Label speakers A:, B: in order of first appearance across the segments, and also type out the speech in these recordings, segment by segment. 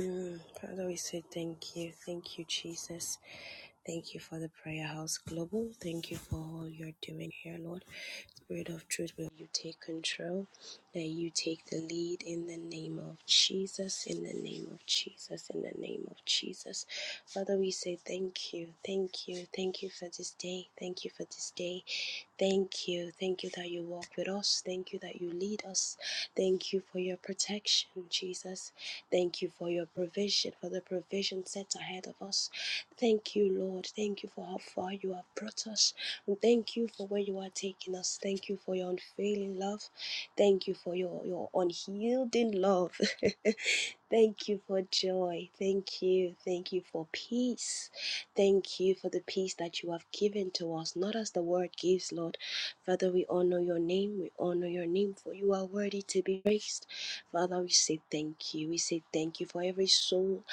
A: Mm, Father, we say thank you. Thank you, Jesus. Thank you for the Prayer House Global. Thank you for all you're doing here, Lord. Spirit of truth, will you take control? That you take the lead in the name of Jesus, in the name of Jesus, in the name of Jesus. Father, we say thank you, thank you, thank you for this day. Thank you for this day. Thank you. Thank you that you walk with us. Thank you that you lead us. Thank you for your protection, Jesus. Thank you for your provision, for the provision set ahead of us. Thank you, Lord. Thank you for how far you have brought us. And thank you for where you are taking us. Thank you for your unfailing love. Thank you for your, your unyielding love. thank you for joy. Thank you. Thank you for peace. Thank you for the peace that you have given to us, not as the word gives, Lord. Father, we honor your name. We honor your name, for you are worthy to be praised. Father, we say thank you. We say thank you for every soul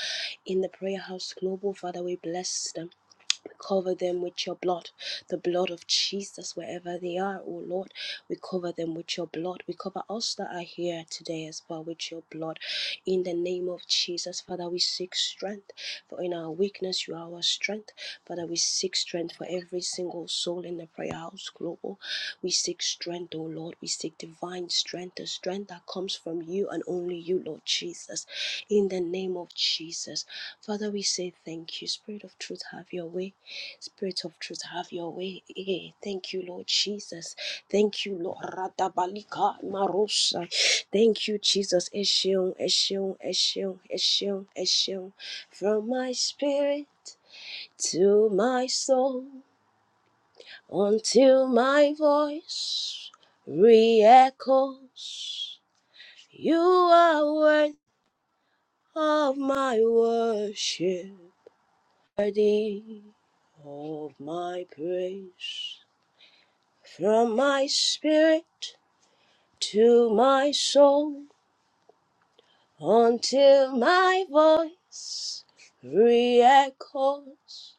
A: in the prayer house global. Father, we bless them. Cover them with your blood, the blood of Jesus, wherever they are, oh Lord. We cover them with your blood. We cover us that are here today as well with your blood. In the name of Jesus, Father, we seek strength. For in our weakness, you are our strength. Father, we seek strength for every single soul in the prayer house global. We seek strength, oh Lord. We seek divine strength, the strength that comes from you and only you, Lord Jesus. In the name of Jesus. Father, we say thank you. Spirit of truth, have your way. Spirit of truth, have your way. Eh, Thank you, Lord Jesus. Thank you, Lord. Radabalika Marosha. Thank you, Jesus. Eshion, Eshion, Eshion, Eshion, Eshion. From my spirit to my soul until my voice re-echoes. You are worth of my worship, worthy of my praise. From my spirit to my soul until my voice re-echoes.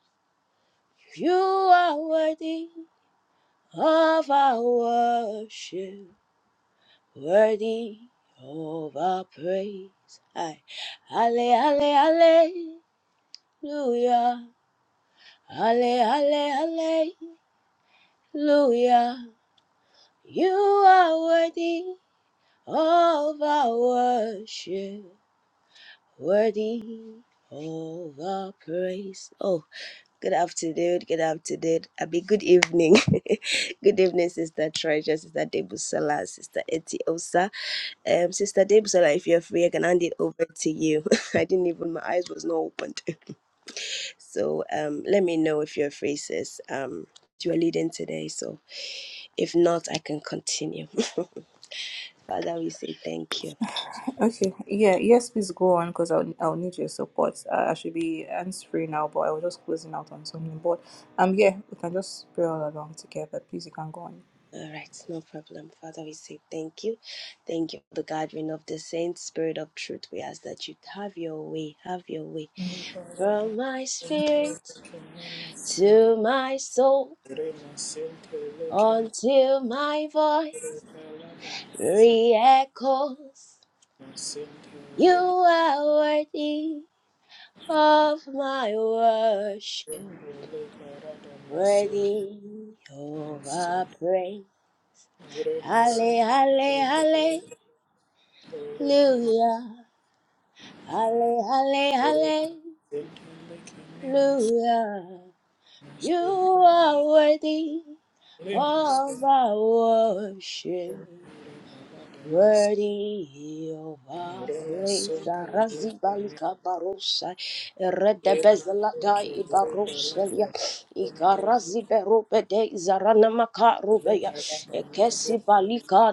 A: You are worthy of our worship, worthy of our praise. Aye. Alle, alle, alleluia. Alle, alle, alleluia. You are worthy of our worship. Worthy of the praise. Oh, good afternoon. Good afternoon. I mean, good evening. good evening, Sister Treasure, Sister Debusala, Sister Etiosa. Um, Sister Debusala, if you're free, I can hand it over to you. I didn't even, my eyes was not opened. So um, let me know if you're free, sis. Um, you are leading today. So if not, I can continue. Father, we say thank you.
B: Okay, yeah, yes, please go on because I'll, I'll need your support. Uh, I should be hands free now, but I was just closing out on something. But um, yeah, we can just pray all along together. Please, you can go on.
A: All right, no problem. Father, we say thank you. Thank you for the gathering of the saints, spirit of truth. We ask that you have your way, have your way. From my spirit to my soul, until my voice re-echoes. You are worthy of my worship, worthy of our praise. Halle, halle, hallelujah. Halle, halle, halle. Hallelujah. You are worthy of our worship. Worthy of our praise, Razibalika Barosa, Redebezalata Ibaroselia, Ikarazi Berupe de Zaranamaka Rubea, Ekesi Balika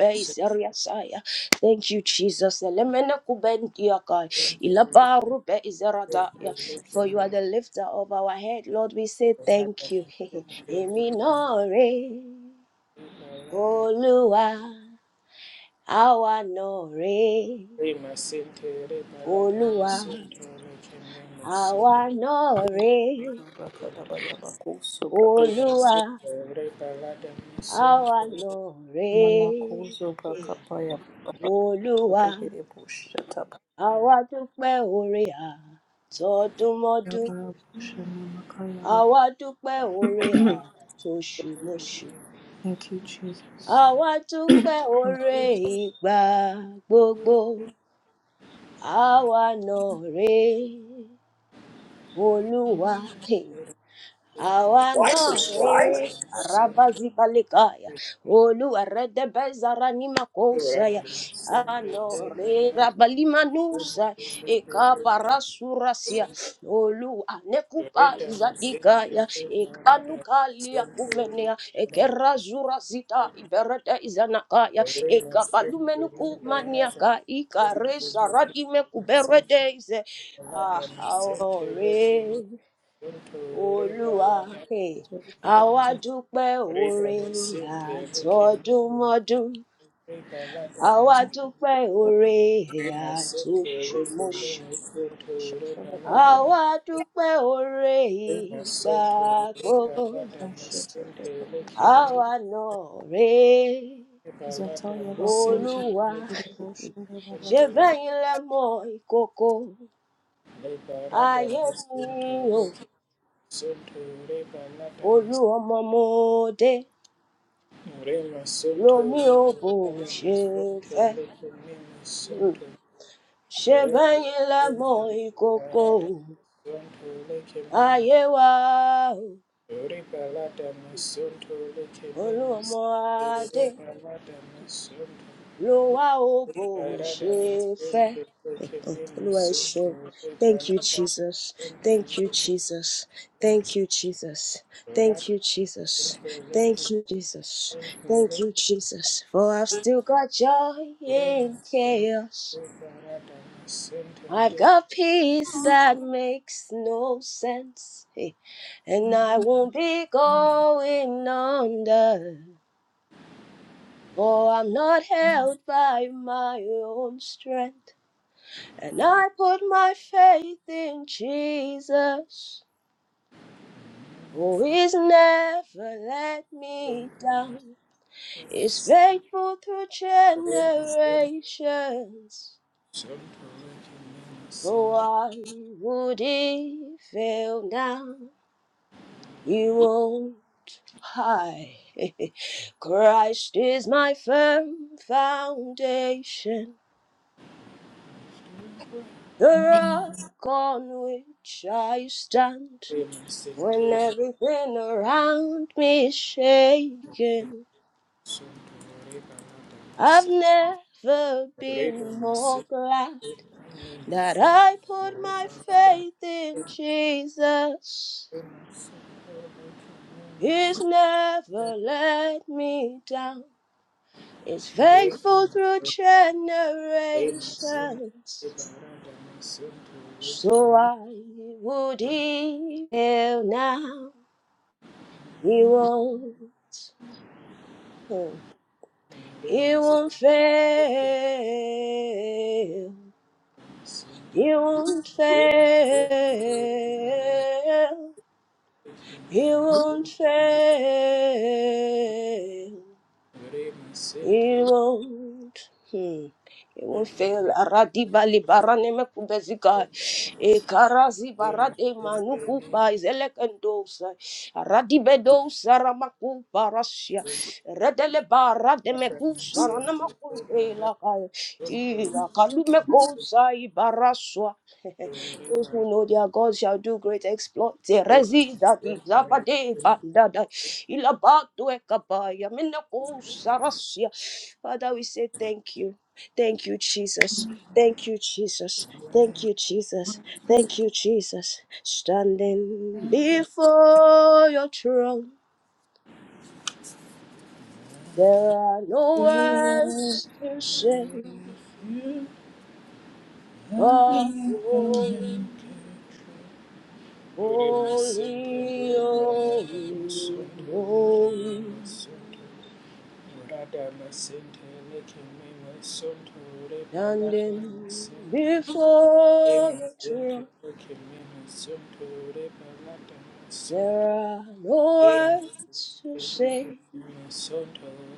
C: Thank you.
A: Seriasaya. Thank you, Jesus. Elemena Kubendiakai,
C: Right?
A: Ilaba Rube Zeradaya. For you are the lifter of our head, Lord. We say thank you. Eminore, Oluwa àwa náà rèé olúwa àwa náà rèé olúwa àwa náà rèé Hey. olúwa àwa dúpẹ́ oore àtọdúnmọ́dún àwa dúpẹ́ oore àtoṣùmọṣù
B: Thank you, Jesus.
A: àwa dúpẹ́ oore ìgbà gbogbo àwa náà rèé olúwa How I Olu it. Rabazibalikaya. Oluwa redebeza ranima kosaya. Anore rabalima nusa. Eka anekupa Oluwa nekupa
C: Thank
A: zadikaya. Eka nukalia kumenea. Eke
C: you.
A: razura zita iberete izanakaya.
C: Thank
A: Eka palume nukumaniaka. Ika resa radime kuberete ize. Ah, aore olúwa eh,
B: Thank
A: àwa dúpẹ́ oore àtọdúnmọ́dún àwa dúpẹ́ oore àtoṣùmọṣù àwa dúpẹ́ oore ìgbà gbogbo
B: you, Jesus.
A: àwa náà rèé
B: Zataya bakuze
A: olúwa
B: kiriboshera
A: ṣe
B: bababa
A: bẹ́yìn lẹ mọ ìkókó ayé mi o
C: you.
A: olú ọmọ mo dé
C: Rema Santo,
A: lomi ò bó
C: Rema
A: ṣe
C: Santo,
A: fẹ́
C: Rema Santo, Rema
A: ṣẹ̀bẹ̀yìn lẹ mọ
C: Santo,
A: ìkòkò
C: Parada Santo, Lekemema,
A: ayé wa o
C: Ripalada Santo, Lekemema,
A: olúọmọ adé
C: Ripalada Santo,
A: ló wá o bó
C: Ripalada
A: ṣe fẹ́.
C: Santo,
A: Oh,
C: Lekemema,
A: Olúwa ẹ
C: Santo,
A: ṣeun. Thank
C: Ripalada
A: you, Jesus. Thank you,
C: Santo,
A: Jesus. Thank you, Jesus.
C: Lekemema,
A: Thank
C: Rada
A: you, Jesus. Thank
C: Santo,
A: you, Jesus. Thank
C: Lekemema,
A: you, Jesus. For I've still got joy
C: Thank
A: in chaos. I've got peace that makes no sense, eh, and I won't be going under. For I'm not held by my own strength, and I put my faith in Jesus, who is never let me down, is faithful through generations. So why would he fail now? He won't. high. Christ is my firm foundation, the rock on which I stand. When everything around me is shaking, I've never been more glad that I put my faith in Jesus. He's never let me down. He's faithful through generations. So I would hail now. He won't, hmm, he won't fail. He won't fail. He
C: you.
A: won't fail. It won't. Hmm. It won't fail. Aradi bali barane me kubezika. E karazi barade manukupa izelekendosa. Aradi bedosa ramakupa rasia. Redele barade me kusa ranamakunte lakai. Ila kalume kosa ibaraswa. Those who know their God shall do great exploits. Erezida di zabade bandada. Ilabatu ekabaya. Minako sarasia. Father, we say thank you. Thank you, Jesus. Thank you, Jesus. Thank you, Jesus. Thank you, Jesus. Standing before your throne, there are no words to say but holy.
C: Thank
A: Holy, holy, holy, standing before your throne.
C: you.
A: There are
C: Soto
A: no words to say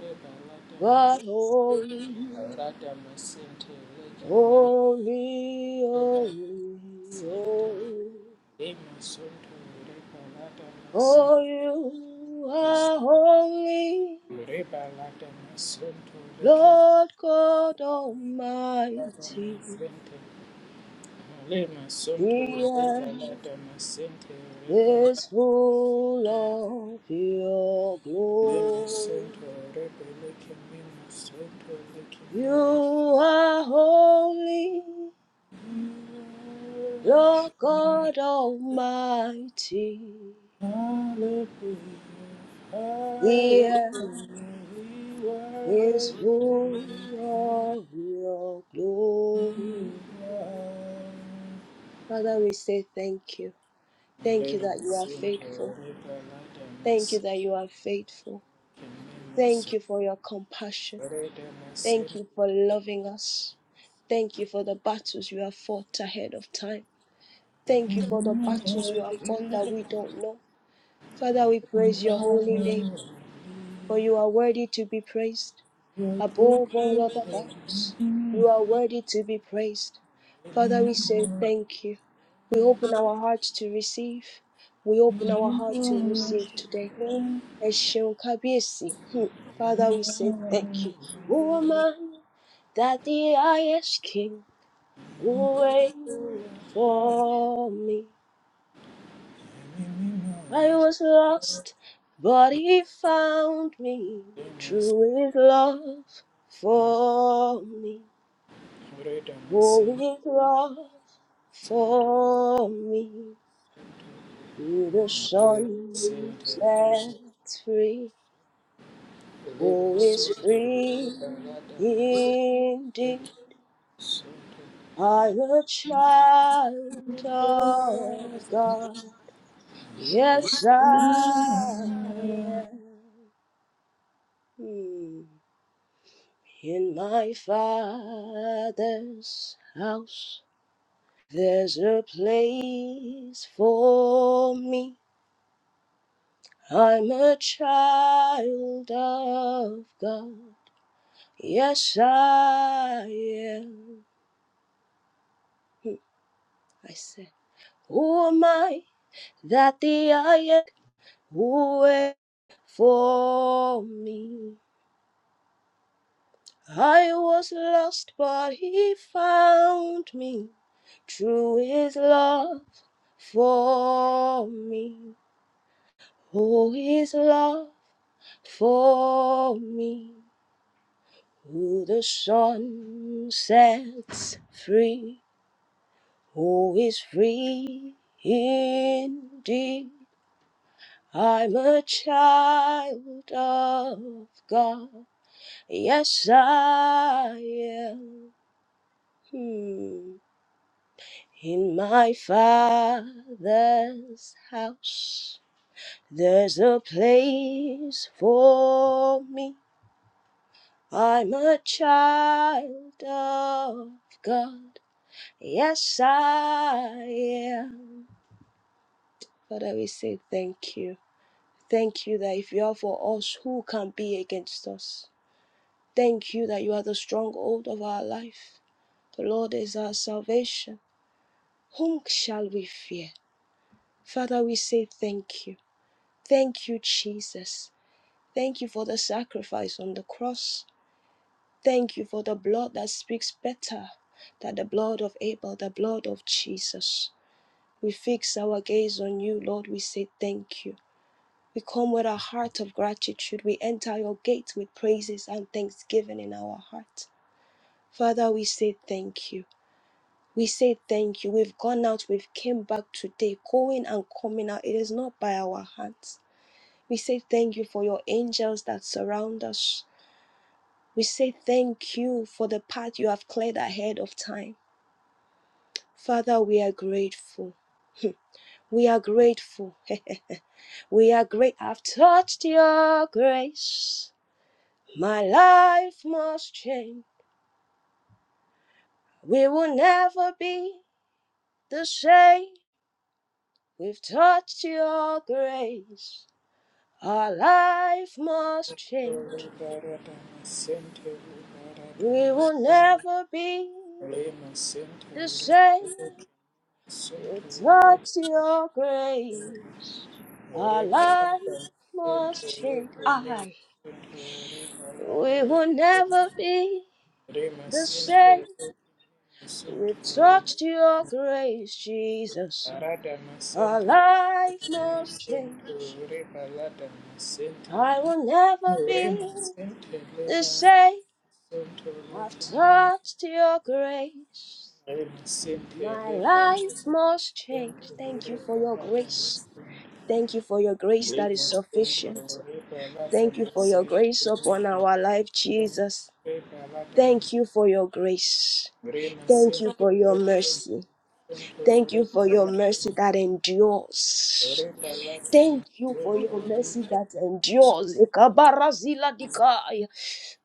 C: reba lata mas-
A: but holy,
C: rata masente leke meme
A: holy,
C: reba lata
A: holy,
C: masente
A: holy.
C: lema soto reba lata
A: For
C: masente
A: you
C: mes-
A: are holy,
C: reba lata masonto leke meme
A: Lord God
C: rata
A: Almighty.
C: masente lema soto
A: The
C: reba
A: earth.
C: lata masente reba
A: is full of your
C: lema
A: glory.
C: soto reba leke meme soto leke
A: You
C: meme
A: are holy, Lord God Almighty.
C: Hallelujah,
A: The
C: hallelujah,
A: earth
C: we
A: is
C: worship
A: full of your glory.
C: God.
A: Father, we say thank you. Thank you that you
C: Lemons
A: are
C: in
A: faithful.
C: Torita Ladamas,
A: Thank you that you are faithful. Thank you for your compassion. Thank you for loving us. Thank you for the battles you have fought ahead of time. Thank you for the battles you have fought that we don't know. Father, we praise your holy name, for you are worthy to be praised. Above all other gods,
C: Kimimus,
A: you are worthy to be praised. Father, we say
C: Redamas,
A: thank you. We open our hearts to receive. We open our heart to receive today. Ẹ ṣeun kábíyèsí. Hmm. Father, we say thank you. Who am I that the highest king will wait for me? I was lost, but he found me through his love for me.
C: and Redamas,
A: Oh, his love for me. Who the
C: Lord,
A: sun
C: send the vision.
A: sets free,
C: Let my
A: who is
C: soul be
A: free
C: ruled by God and my
A: indeed.
C: soul.
A: I'm a child of God. Yes, I am. In my Father's house, there's a place for me. I'm a child of God. Yes, I am. Hmm, I said, Who am I that the I am? Wait for me. I was lost, but he found me. True his love for me. Oh, his love for me. Who the sun sets free. Who is free indeed? I'm a child of God. Yes, I am hmm. in my father's house. There's a place for me. I'm a child of God. Yes, I am. Father, we say thank you. Thank you that if you are for us, who can be against us? Thank you that you are the stronghold of our life. The Lord is our salvation. Whom shall we fear? Father, we say thank you. Thank you, Jesus. Thank you for the sacrifice on the cross. Thank you for the blood that speaks better than the blood of Abel, the blood of Jesus. We fix our gaze on you, Lord. We say thank you. We come with a heart of gratitude. We enter your gate with praises and thanksgiving in our heart. Father, we say thank you. We say thank you. We've gone out, we've came back today, going and coming out. It is not by our hands. We say thank you for your angels that surround us. We say thank you for the path you have cleared ahead of time. Father, we are grateful. We are grateful. we are great. I've touched your grace. My life must change. We will never be the same. We've touched your grace. Our life must change.
C: Lord, God, and my center, Lord, God, and
A: We
C: my
A: will
C: center.
A: never be
C: Let my center,
A: the
C: Lord, God,
A: same
C: and my center,
A: without your grace. Our life must change. I. We will never be the same without your grace, Jesus. Our life must change. I will never
C: Ore
A: be
C: masente
A: the
C: leba
A: same.
C: masonto
A: I've
C: leke nene.
A: touched your grace.
C: Ore masente leba
A: My
C: leba
A: life
C: masonto
A: must change. Thank
C: lore
A: you for your
C: baba da
A: grace.
C: masente.
A: Thank you for your grace
C: Le
A: that is
C: masonto
A: sufficient.
C: lore baba da
A: Thank you for your
C: masente
A: grace upon
C: leke masonto
A: our life, Jesus.
C: lore baba da
A: Thank you
C: masente.
A: for your grace.
C: Ore
A: Thank you
C: masente
A: for your
C: leke masonto
A: mercy. Thank
C: lore
A: you for
C: baba da
A: your mercy
C: masente.
A: that endures.
C: Ore baba da masonto
A: Thank
C: leke. Ore masente
A: you for your mercy that endures. Ikabarazila dikai.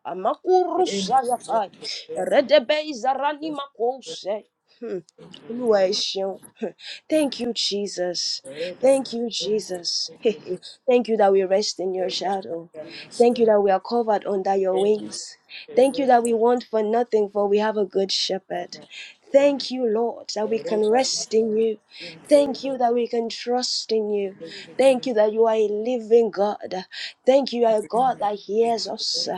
A: Amakurusayakai.
C: leba
A: Redebezarani makose. Hmm.
C: masonto
A: Olúwa
C: lore
A: ẹ
C: baba.
A: ṣeun. Hmm. Thank you, Jesus.
C: Reda
A: Thank you,
C: masunto
A: Jesus.
C: reke
A: Thank you that we rest in your
C: reda
A: shadow.
C: mata
A: Thank you
C: masunto
A: that we are covered under your
C: reda
A: wings.
C: masunto
A: Thank
C: reda
A: you that we
C: mata
A: want for nothing, for we have a good shepherd.
C: masunto
A: Thank you, Lord, that we
C: reda
A: can
C: mata
A: rest
C: masunto
A: in
C: reda
A: you.
C: reke reda
A: Thank you
C: masunto
A: that we can trust in you.
C: reda
A: Thank you that you are a living God. Thank you, you are a
C: reda masunto reda mata masunto reda masunto reda reda
A: God
C: masunto reda masunto reda reda masunto reda reda masunto reda mata
A: that hears
C: masunto
A: us.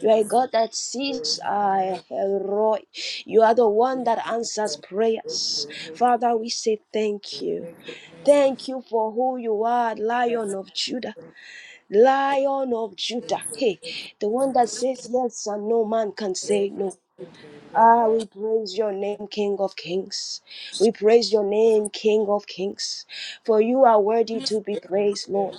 A: You are a God that sees our Roy. You are the one that answers prayers.
C: reda
A: Father, we say thank you. Thank you for who you are, Lion of Judah. Lion of Judah. Hey, the one that says yes and no man can say no. Ah, we praise your name, King of Kings. We praise your name, King of Kings. For you are worthy to be praised, Lord.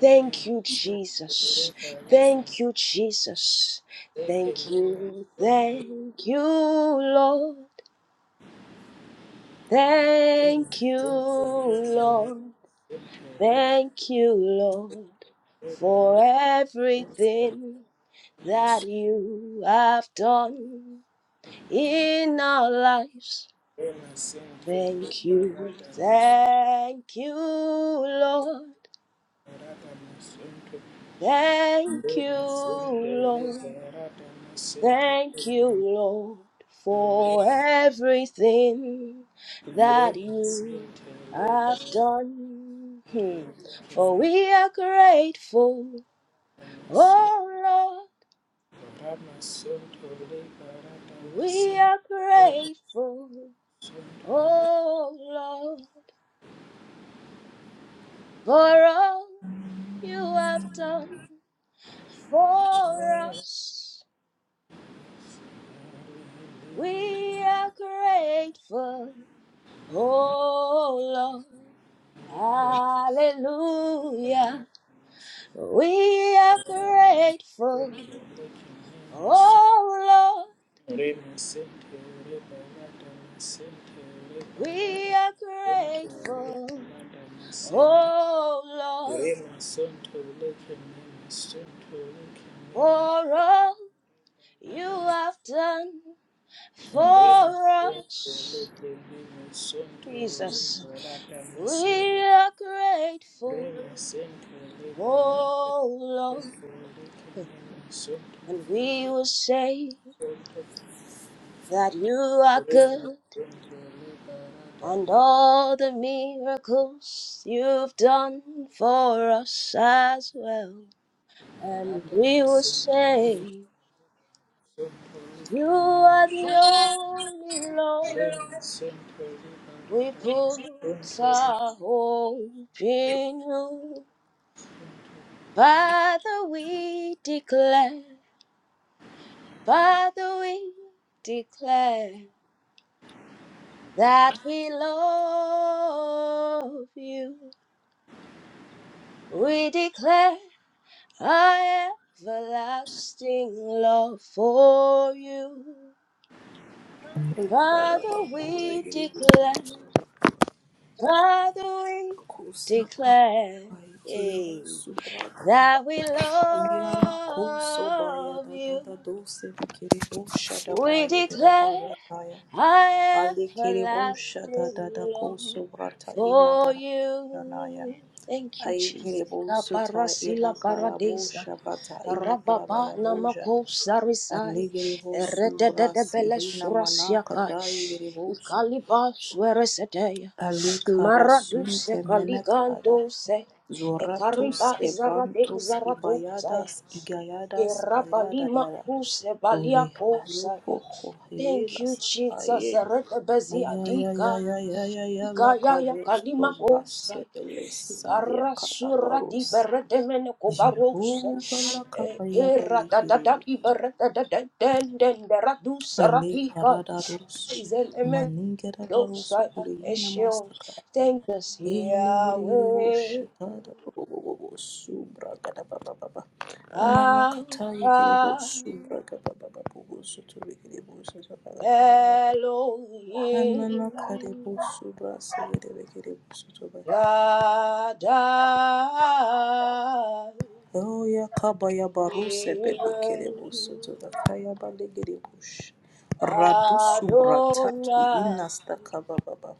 A: Thank you, Jesus. Thank you, Jesus. Thank
C: mata masunto
A: you,
C: reda
A: thank you, Lord. Thank you,
C: Rama
A: Lord. Thank you, Lord, for everything that you have done in our lives. Thank you, thank you, Lord. Thank you, Lord. Thank you, Lord, for everything that you have done. Hmm. For we are grateful, oh Lord, we are grateful, oh Lord, for all you have done for us. We are grateful, oh Lord. Hallelujah. We are grateful. Oh Lord, we are grateful. Oh Lord, for all you have done for us. Jesus,
C: Rema
A: we are grateful.
C: Rema sente leba wako
A: Oh Lord,
C: sente leke mama sente
A: and we will say
C: leke sente
A: that you are
C: Rema
A: good.
C: sente leba rada
A: and all the miracles you've done for us as well.
C: na
A: And
C: rada
A: we
C: na
A: will
C: sente
A: say,
C: leke sente leke
A: You are
C: mama
A: the only Lord.
C: Rema sente leba
A: We
C: rada na
A: put
C: sente leke sente
A: our hope in you. Father, we declare, Father, we declare that we love you. We declare I everlasting love for you.
B: ekara
A: Father,
B: bamuye
A: we declare, Father, we
B: kusabra
A: declare
B: ay kiribo
A: eh,
B: subrada da
A: that we
B: yara kuso baya
A: love
B: da da
A: you.
B: da dose kiribo shada
A: We
B: baya gida
A: declare
B: bazataya
A: our
B: ali kiribo shada
A: everlasting
B: da da
A: love
B: kuso brata ina
A: for
B: shanaya
A: you. Thank you,
B: ay
A: Jesus.
B: kiribo suta ina
A: Kabarasila
B: karabo
A: baradeza.
B: shabata ina
A: Rababa namako sarisai
B: Aligiri vosu brase
A: eredededebele
B: hina mana
A: surasiakai
B: kadaí manakata vosu.
A: ikaliba suereseteya maraduse
B: Alikarasunthe menekada.
A: kaligandose
B: Zoratus
A: ekariba zarade
B: ebrantus
A: zaradosaya
B: ibayadas igayadas ayada
A: irabalima
B: yada.
A: kuse
B: Ore hayofo
A: baliakosaya Thank
B: hohela
A: you, Jesus.
B: sahaye.
A: Eredebezi adika.
B: Ayayayayayaya
A: Ikayaya
B: lakabo sobra
A: kalimako saya.
B: sebelesaya
A: Arasura di
B: karabarus.
A: beredemene kobarose.
B: Jehovah
A: Eh,
B: lakapaya
A: Era da da
B: baligiri
A: da di
B: vosu.
A: berede de de den den de radusa
B: Ale
A: radika.
B: karada dosu
A: Izeleme
B: maningera
A: dosa
B: barosu kureyina
A: eshion.
B: masakaya
A: Thank us
B: ele yere yere
A: Yahweh.
B: boshe tada bosu braga da baba baba nana katayi gere
A: Alpha
B: bosu braga baba baba bosu turi gere bosu turi baba baba
A: Elohim
B: anana kare bosu brasa yere gere bosu
A: Shaddai.
B: Oh ya kaba ya baruse bele kere
A: Yireh.
B: bosu turi kaya bale gere bosu Radusu brataki
A: Adonai.
B: inasta kababa.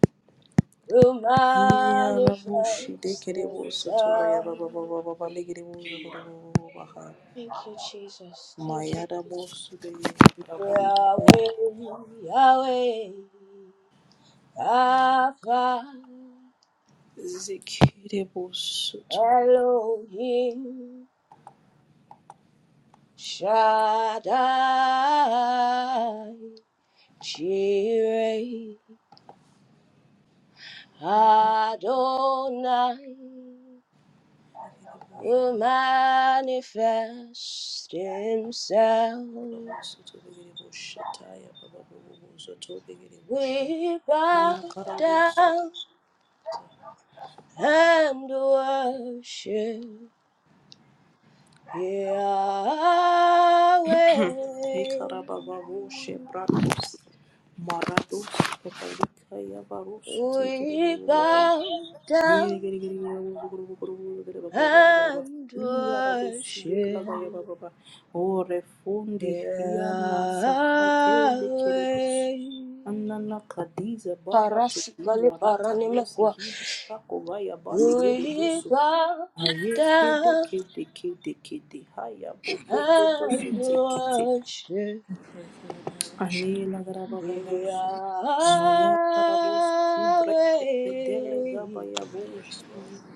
A: will manifest
B: Yarabushi dekereboso tobaya
A: himself.
B: baba baba baba legereboso baba
A: Thank you, Jesus. Thank you, Jesus.
B: mayaraboso deyaraboso
A: Yahweh, Yahweh, Alpha,
B: zekereboso to
A: Elohim, Shaddai, Jireh, Adonai,
B: legereboso
A: will manifest himself.
B: yaraboso to legereboso taya baba baba boso to legereboso
A: We bow
B: manakaraboso
A: down and worship Yahweh.
B: ekarababa boshe bratos marados baba likaya
A: We bow
B: giri
A: down
B: giri, giri giri, abu zukuru zukuru zukuru, giri bakra bakra bakra bakra.
A: and
B: Iya rabu sube
A: worship
B: laga ya baba baba. O
A: Yahweh.
B: refundi hiana sahatele bus. Anana kadiza bara
A: Parasikali
B: tuziva rata rosi
A: paranimekwa.
B: hiba sako vaya bale gere
A: We
B: boso.
A: bow
B: Aye kede
A: down
B: kede kede kede haya bobo bobo so
A: and
B: tekete.
A: worship.
B: Anela garababa
A: Yahweh,
B: busu. Maya karabos subrete kedele gaba ya busu.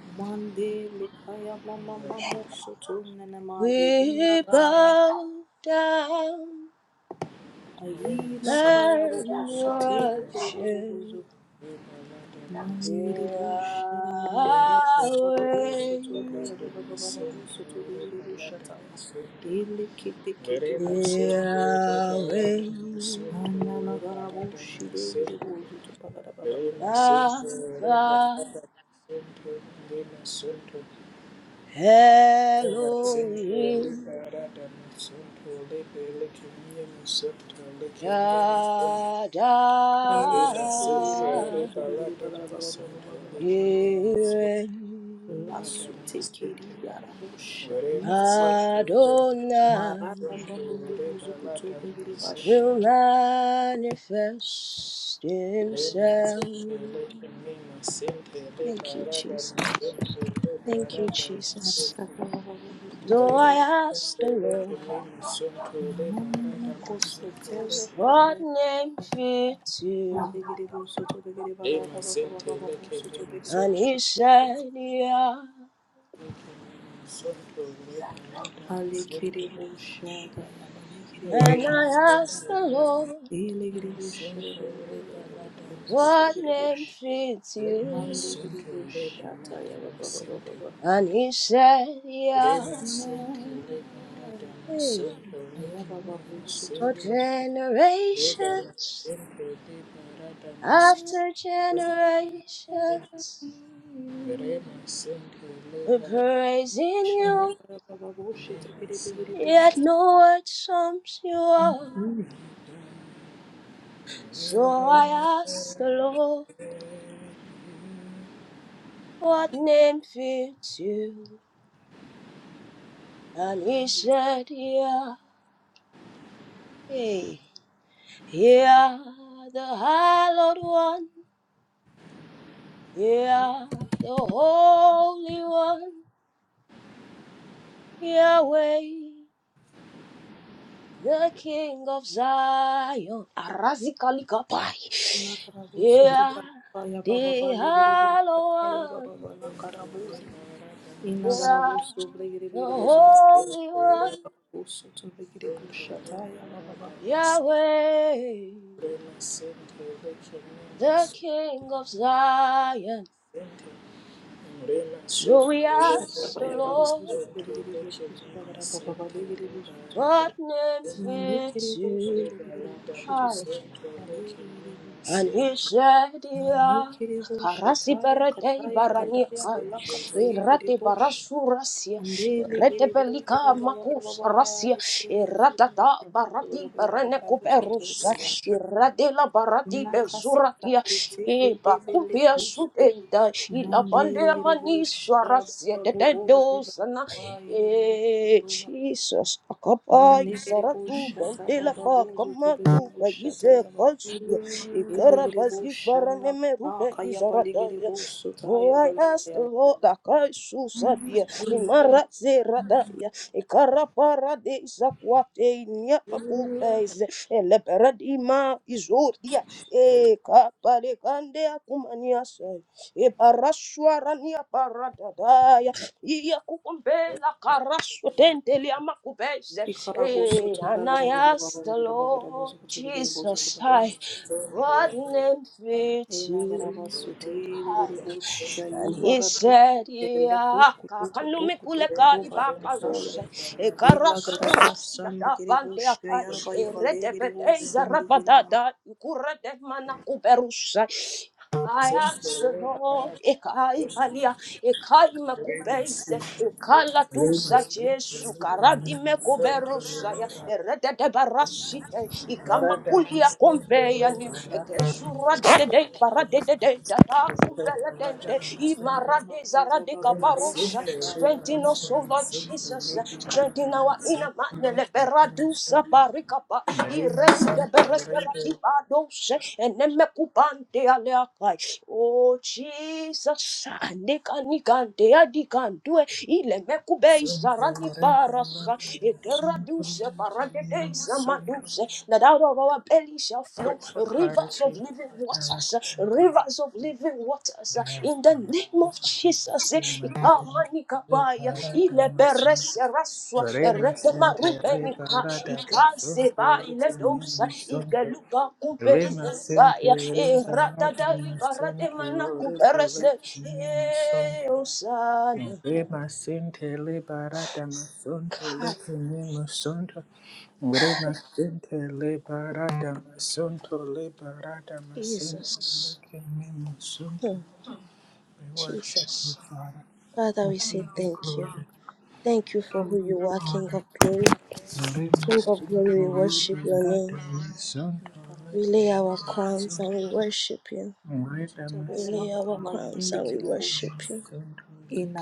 B: Mande likaya mama mamo
C: Worship
B: soto nanamaze
A: we
B: inagaya
A: bow down
C: Rema
B: ayila
C: sente
B: kaya
C: leba rada na
B: bobo
A: and
B: sutele kere
A: worship
B: bobo bozo
C: leba rada na
B: mande yere
A: Yahweh.
B: bosha
C: Bene
B: namakaya baba boso
C: sentire,
B: tobe
C: amando
B: baba baba baba soto be
C: sentire,
B: yere bosha
C: palabra
B: taya
C: sentire.
B: ele kete kete
C: Verema
B: boso tobe
C: sentire,
B: baba
A: Yahweh,
C: palabra
B: anna
C: sentire,
B: lagara boshi
C: palabra
B: de yere
C: sentire.
B: bozo to pagara baba
C: Verema sentire,
A: Alpha,
C: palabra sentire, lema sentire. Verema sentire,
A: Elohim,
C: palabra sentire, lebe lekemia sentire, lekemia sentire.
B: kara boso
C: Verema
B: tobe yere bozo
C: sentire,
A: Shaddai.
B: tobe yere
C: palabra
B: bagara baba baba
C: sentire,
B: bagara
C: lekemia
B: bagara
C: sentire,
A: Jireh,
C: palabra
B: Lasutekeri
C: sentire.
B: arabosha diza bara
A: Adonai
B: marata babu bubu zukuto bregiri
A: will
B: bashani
A: manifest himself. Thank you, Jesus. Thank you, Jesus.
B: masaka baba bubu zukuto
A: So I
B: bregiri
A: asked the Lord,
B: manana kose setere kapa
A: what
B: ya
A: name fits you?
B: madigiri bu soto bregiri bagara baba
C: Thank
B: baba baba bu soto bregiri
A: And he
B: bashata
A: said, yeah.
B: alekiri bu shada ya balekiri bu
A: And I
B: shada
A: asked the
C: you.
A: Lord,
B: ilegiri
C: Rema
B: bu shada
C: Sente
B: baba baba baba baba bu zukuto
A: what
B: bregiri bu
A: name
B: sh
A: fits
C: Rema
A: you?
B: mandigiri
C: Sente
B: bu
C: Rema
B: shata ya baba baba baba
A: And he said,
C: Sente Rema
A: yeah.
B: Shut up,
C: Sente
A: Hey, for generations after generations, we're praising you, yet no word sums you up. So I asked the Lord, what name fits you? And he said, Yeah, hey, yeah, the hallowed one, yeah, the holy one, Yahweh. the King of Zion. Arazikaligabai. Yeah,
B: I have
A: the Hallowed One. Yeah, the Holy One. Yahweh,
C: Rema sente leke mama
A: the King of Zion.
C: sente. Rema
A: So
C: sente
A: we ask
C: leke
A: the
C: mama
A: Lord,
C: sente leke mama sente leba
B: a
A: what
C: rada.
A: name
B: Mandekere
A: fits
B: bosho
A: you?
B: to
C: Reba
B: bigere
C: rada
B: bosho to
C: ma
A: Hi.
C: sente
B: bale
C: leke mama
B: bosho.
A: And
C: sente.
A: he said, "Ya
B: Mandekere bosho
A: karasi
B: taya
A: berete
B: kataya
C: Rema
B: kadaya
A: baraniaka,
C: sente
B: balaka taye
C: leba
B: gere
A: irate
B: bosho.
A: barasurasia,
B: Andele
A: irate
B: gere bosho
A: pelika
B: ba ba ba ba ba
A: makus
B: ba.
A: rasia,
B: Gere bosho to
A: iratata
B: bigere bosho to
A: barati
B: bigere ba ba
A: berene
B: ba bosho to
C: rema
B: bigere
C: sente
A: kuperusa,
B: bosho.
A: irate la barati
B: Nakasa
A: bezuratia,
B: taye teke
A: e
B: debele
A: bakupia
B: bosho.
A: sudenda, ilabande
B: Mandere gere
A: mani
B: bosho ba
A: sarasia
B: ba ba bosho ba ba
A: tetedosana,
B: ba gere bosho
A: e
B: to.
A: Jesus, akapai
B: Manegere
A: saratu
B: boshata
A: bendela
B: baba
A: pa
B: bozo tobeli
A: kamatu,
B: boshata
A: bayise
B: yaba
A: kalsulia,
B: elegere
A: Ikarabazi
B: boshana
A: baraneme rupe
B: manaka yaba legere
A: izaradaya.
B: bosota
A: Oh,
B: taya.
A: I
B: la
A: ask the
B: yaba
A: Lord, Akai Susadia, Imara Zeradaya, Ikaraparade Zakwate, Nyapakupes, Eleperadima, Izodia, Ekapale Kande Akumanias, Eparaswarania Paradadaya, Iakukumbela Karaswatentelia Makupes,
B: ikara bosoto
A: and
B: bagara
A: I
B: baba baba
A: ask the
B: bagara bagara bozo
A: Lord
B: tobeli bozo
A: Jesus,
B: bagara
A: I what
B: baba
A: name fits
B: ena gara
A: you?
B: bosote
C: leke
B: elegere bosha
A: And he
B: yubara to
A: said,
B: ele to
A: Yeah,
B: kuto kuto
A: Kakanumi
B: kuto
A: Kuleka
B: kuto
C: rema sente
B: basota ya
A: Ibakaruse,
C: leba rada
B: ela gara
A: Ekarasura
B: basandi
A: Dada
B: gere
A: Bandia,
B: bosha yaba yaba legere
A: Eredebedeza
B: bosundi gena manaka
A: Rabadada, Ukure de Manakuberusa, I
C: sente
A: ask the
C: leba
A: Lord,
C: rada.
A: Ekai Balia, Ekai
C: Rema
A: Makubeise,
C: sente
A: Ekala
C: leba
A: Dusa
C: sente
A: Jesu,
C: leke
A: Karadi
C: mama sente leba
A: Mekoberusaya, Erede de
C: rada.
A: Barasite,
C: Thank
A: Ikamakulia Compeyani, Ekesura de de de, Barade de de, Data Kumbele de de, Imara de
B: Makuza
A: Zarade
B: bagla
A: Kabarusa,
B: boshata yaba
A: strengthen us, O
B: baba
A: Lord Jesus us, strengthen our inner man, leberadusa barikapa, irete bereseradiba dose, enemekubante aleakai. Oh Jesus, nika nika de adikandue, ilemekube isarani parasa, ekeraduse paradedeza maduse, that out of our belly shall flow rivers of living waters, rivers of living waters, in the name of Jesus. Ikamanikabaya,
C: you.
A: ilebereseraswa,
C: Remasente
A: eredemarubenika,
C: liberata basunto
A: ikaseba, iledosa,
C: lukumini sunto.
A: ikelupakube,
C: Remasente
A: izenikaya,
C: liberata
A: eradada,
C: masunto
A: ibarademanakuberese.
C: lukumini sunto.
A: Hey, Hosanna.
C: Remasente liberata masunto
A: God,
C: lukumini sunto. Remasente liberata masunto liberata masunto
A: Jesus.
C: lukumini sunto.
A: Hmm,
C: We worship you,
A: Jesus.
C: Father.
A: Father,
C: We
A: we say
C: give you
A: thank you.
C: glory.
A: Thank you for
C: We
A: who
C: give you
A: you are, King
C: honor.
A: of glory.
C: Morena
A: King of
C: Santo
A: glory, we worship
C: Rita
A: your
C: Rata
A: name.
C: Santo
A: We
C: Rita
A: lay our crowns and we
C: Santo
A: worship you.
C: Rita
A: We lay
C: Santo
A: our crowns
C: Rita
A: and we
C: Rata
A: worship you.
C: Santo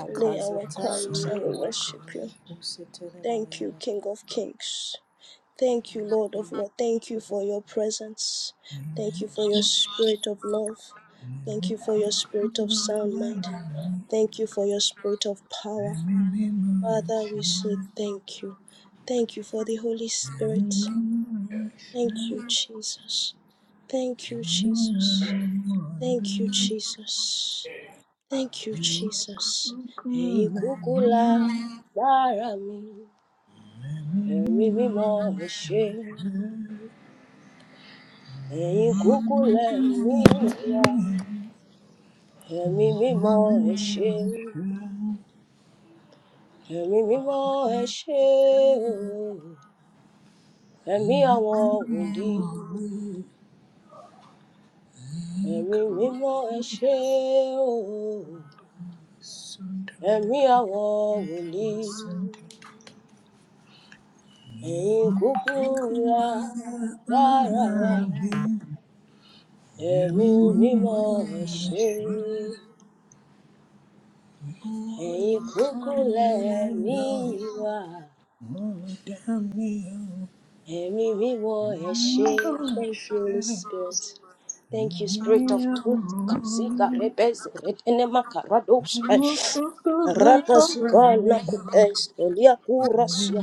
A: We lay our crowns and
C: Santo
A: we worship you. Thank King of kings. Thank you, Lord of Lords. Thank you for your presence. Thank you for your spirit of.
C: Eu
A: Thank you for your
C: canto
A: spirit of sound mind. Thank you for your spirit of power. Father, we say thank you. Thank you for the Holy Spirit. Thank you, Jesus. Thank you,
C: Thank
A: Jesus. Thank you, Jesus. Thank you, Jesus. Ẹ̀yin kúkú la lára mi, ẹ̀mí mímọ́ ẹ ṣé. Ẹ̀yin kúkú lẹ̀mí wa,
C: you.
A: ẹ̀mí
C: Thank
A: mímọ́ ẹ ṣé. Ẹ̀mí mímọ́ ẹ ṣé o, ẹ̀mí àwọn wòlíì. Ẹ̀mí mímọ́ ẹ ṣé o, ẹ̀mí àwọn wòlíì. ẹ̀yin kúkú ra lára wa ẹ̀mí mímọ́ ẹ̀ ṣe ẹ̀yin kúkú lẹ̀mí wa Ẹ̀mí mímọ́ ẹ ṣé. Thank you, Holy Spirit. Thank you, Spirit of Truth. Kazika
C: you.
A: rebeze retenema karados.
C: I want to feel like
A: Rapasiba
C: around me.
A: nakubes elia
C: Nothing
A: kurasia.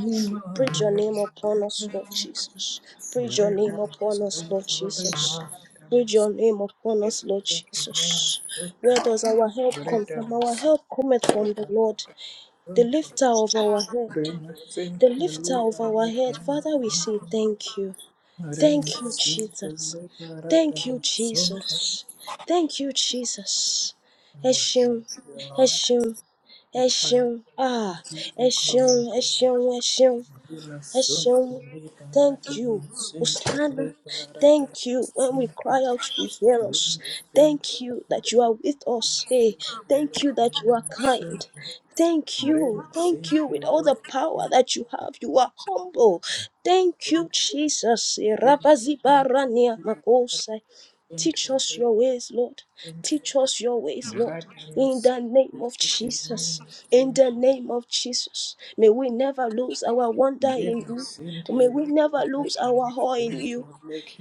A: Preach your
C: anymore.
A: name upon us, Lord Jesus. Preach your
C: Worried
A: name
C: about
A: upon us, Lord
C: myself, worried
A: Jesus.
C: about
A: Preach your
C: myself.
A: name upon us, Lord
C: Looking
A: Jesus.
C: in the
A: Where
C: photo.
A: does our help come
C: Worried
A: from?
C: about
A: Our
C: myself,
A: help cometh from
C: worried
A: the
C: about
A: Lord,
C: the
A: the
C: photo.
A: lifter of our head.
C: Worried myself,
A: The
C: worried
A: lifter of
C: about
A: our
C: the
A: head. Father, we say
C: photo.
A: thank you.
C: Worried
A: Thank you,
C: myself,
A: Jesus.
C: worried about the
A: Thank you,
C: photo.
A: Jesus. Thank you, Jesus.
C: I
A: Ẹ
C: worship
A: ṣeun,
C: you,
A: ẹ
C: Lord.
A: ṣeun,
C: You
A: ẹ
C: praise
A: ṣeun, ah,
C: you, we give
A: ẹ
C: you
A: ṣeun,
C: glory.
A: ẹ ṣeun, ẹ ṣeun.
C: Bila sonto
A: Hashem,
C: liberata
A: thank you.
C: nascente
A: Hosanna,
C: liberata
A: thank you. When we
C: sonto
A: cry out, you hear us.
C: lima sente
A: Thank you that you
C: liberata
A: are with us. Hey,
C: sonto
A: thank you that you are kind. Thank you.
C: lima
A: Thank you
C: sente
A: with all the
C: liberata
A: power that you have. You are humble. Thank you,
C: sonto
A: Jesus.
C: liberata sonto lima sente
A: Rabazibarania makosa
C: liberata sonto lima
A: Teach us your ways, Lord.
C: sente
A: Teach us your ways,
C: liberata sonto lima sente liberata
A: Lord. In
C: sonto
A: the name of Jesus. In the
C: lima
A: name of Jesus. May we never lose our wonder in you. May we never lose our awe in you.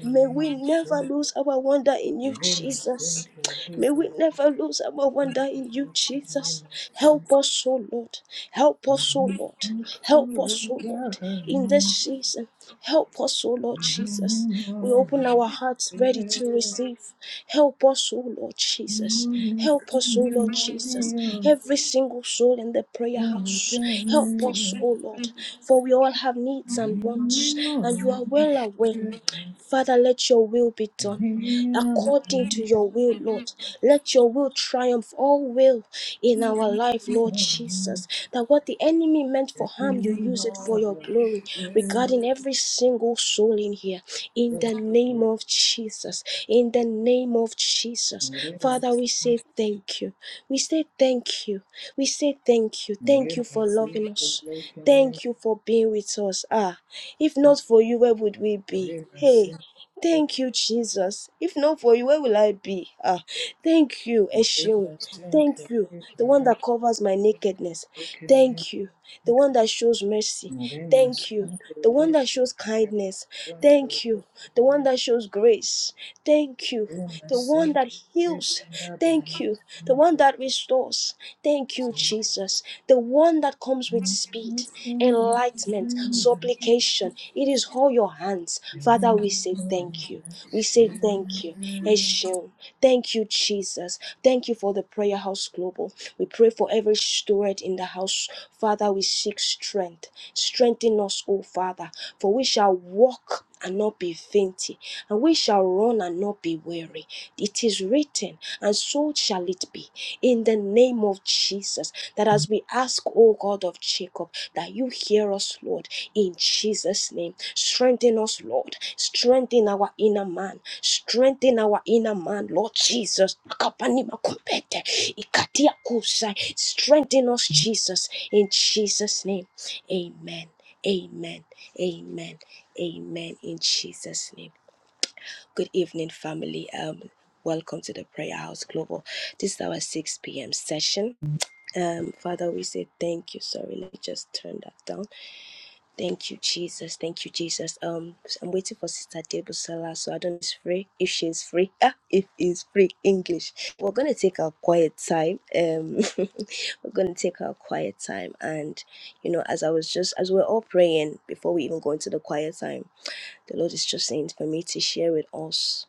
A: May we never lose our wonder in you, Jesus.
C: sente liberata
A: May
C: sonto
A: we never lose our wonder in you, Jesus.
C: Remix, remix,
A: Help us, O Lord. Help us, O Lord.
C: remix,
A: Help us, O Lord, in this season. Help us, O Lord Jesus. We open our hearts ready to receive. Help us, O Lord Jesus. Help us, O Lord Jesus. Every single soul in the prayer house. Help us, O Lord, for we all have needs and wants, and you are well aware Father, let your will be done. According to your will, Lord, let your will triumph all will in our life, Lord Jesus. That what the enemy meant for harm, you use it for your glory regarding every single soul in here. In the name of Jesus, in the name of Jesus, Father, we say thank you. We say thank you. We say thank you. Thank you for loving us. Thank you for being with us. Ah, if not for you, where would we be? Hey,
C: remix,
A: thank you, Jesus. If not for you, where will I be? Ah, thank you, Eshion.
C: Mrema
A: Thank
C: sentele
A: you, the one
C: para
A: that covers my nakedness.
C: rekeninga.
A: Thank you, the one that shows mercy.
C: Mrema
A: Thank you, the
C: sentele
A: one that shows
C: para
A: kindness.
C: sentele
A: Thank you, the one
C: kenin.
A: that shows grace. Thank you
C: Mrema
A: the one that
C: sentele
A: heals.
C: para dana
A: Thank you. The one
C: sentele
A: that restores. Thank you,
C: sentele.
A: Jesus. The one that comes with speed, enlightenment, supplication. It is all your hands. Father,
C: Mrema
A: we say thank you. We say thank you.
C: sentele
A: Eshim. Thank you, Jesus. Thank you for the Prayer House Global. We pray for every steward in the house. Father, we seek strength. Strengthen us, O Father, for we shall walk and not be fainty, and we shall run and not be weary. It is written, and so shall it be in the name of Jesus. That as we ask, O God of Jacob, that you hear us, Lord, in Jesus' name. Strengthen us, Lord. Strengthen our inner man. Strengthen our inner man, Lord Jesus. Akapanima kumpete, ikatia kusai. Strengthen us, Jesus, in Jesus' name. Amen. Amen. Amen. Amen. In Jesus' name. Good evening, family. Um, welcome to the Prayer House Global. This is our 6 p.m. session. Um, Father, we say thank you. Sorry, let me just turn that down. Thank you, Jesus. Thank you, Jesus. Um, I'm waiting for Sister Debusala, so I don't know if she's free. If she's free, ah, if it's free English, we're gonna take our quiet time. Um, we're gonna take our quiet time, and you know, as I was just as we're all praying before we even go into the quiet time. The Lord is just saying for me to share with us.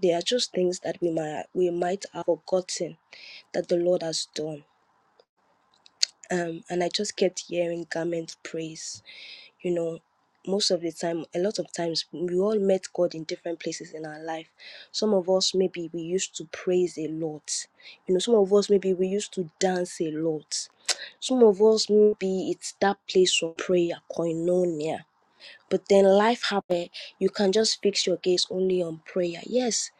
A: There are just things that we might we might have forgotten that the Lord has done. Um, and I just kept hearing garment praise. You know, most of the time, a lot of times, we all met God in different places in our life. Some of us, maybe we used to praise a lot. You know, some of us, maybe we used to dance a lot. Some of us, maybe it's that place of prayer, koinonia. But then life happened. You can just fix your gaze only on prayer. Yes.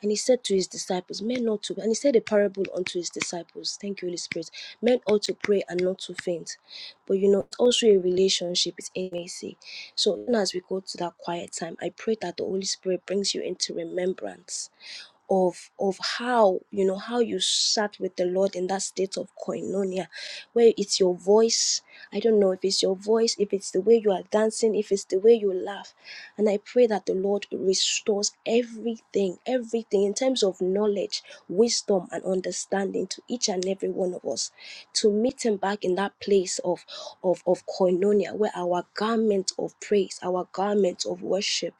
A: And he said to his disciples, Men not to, and he said a parable unto his disciples. Thank you, Holy Spirit. Men ought to pray and not to faint. But you know, it's also a relationship, it's intimacy. So even as we go to that quiet time, I pray that the Holy Spirit brings you into remembrance of of how you know how you sat with the lord in that state of koinonia where it's your voice i don't know if it's your voice if it's the way you are dancing if it's the way you laugh and i pray that the lord restores everything everything in terms of knowledge wisdom and understanding to each and every one of us to meet him back in that place of of of koinonia where our garment of praise our garment of worship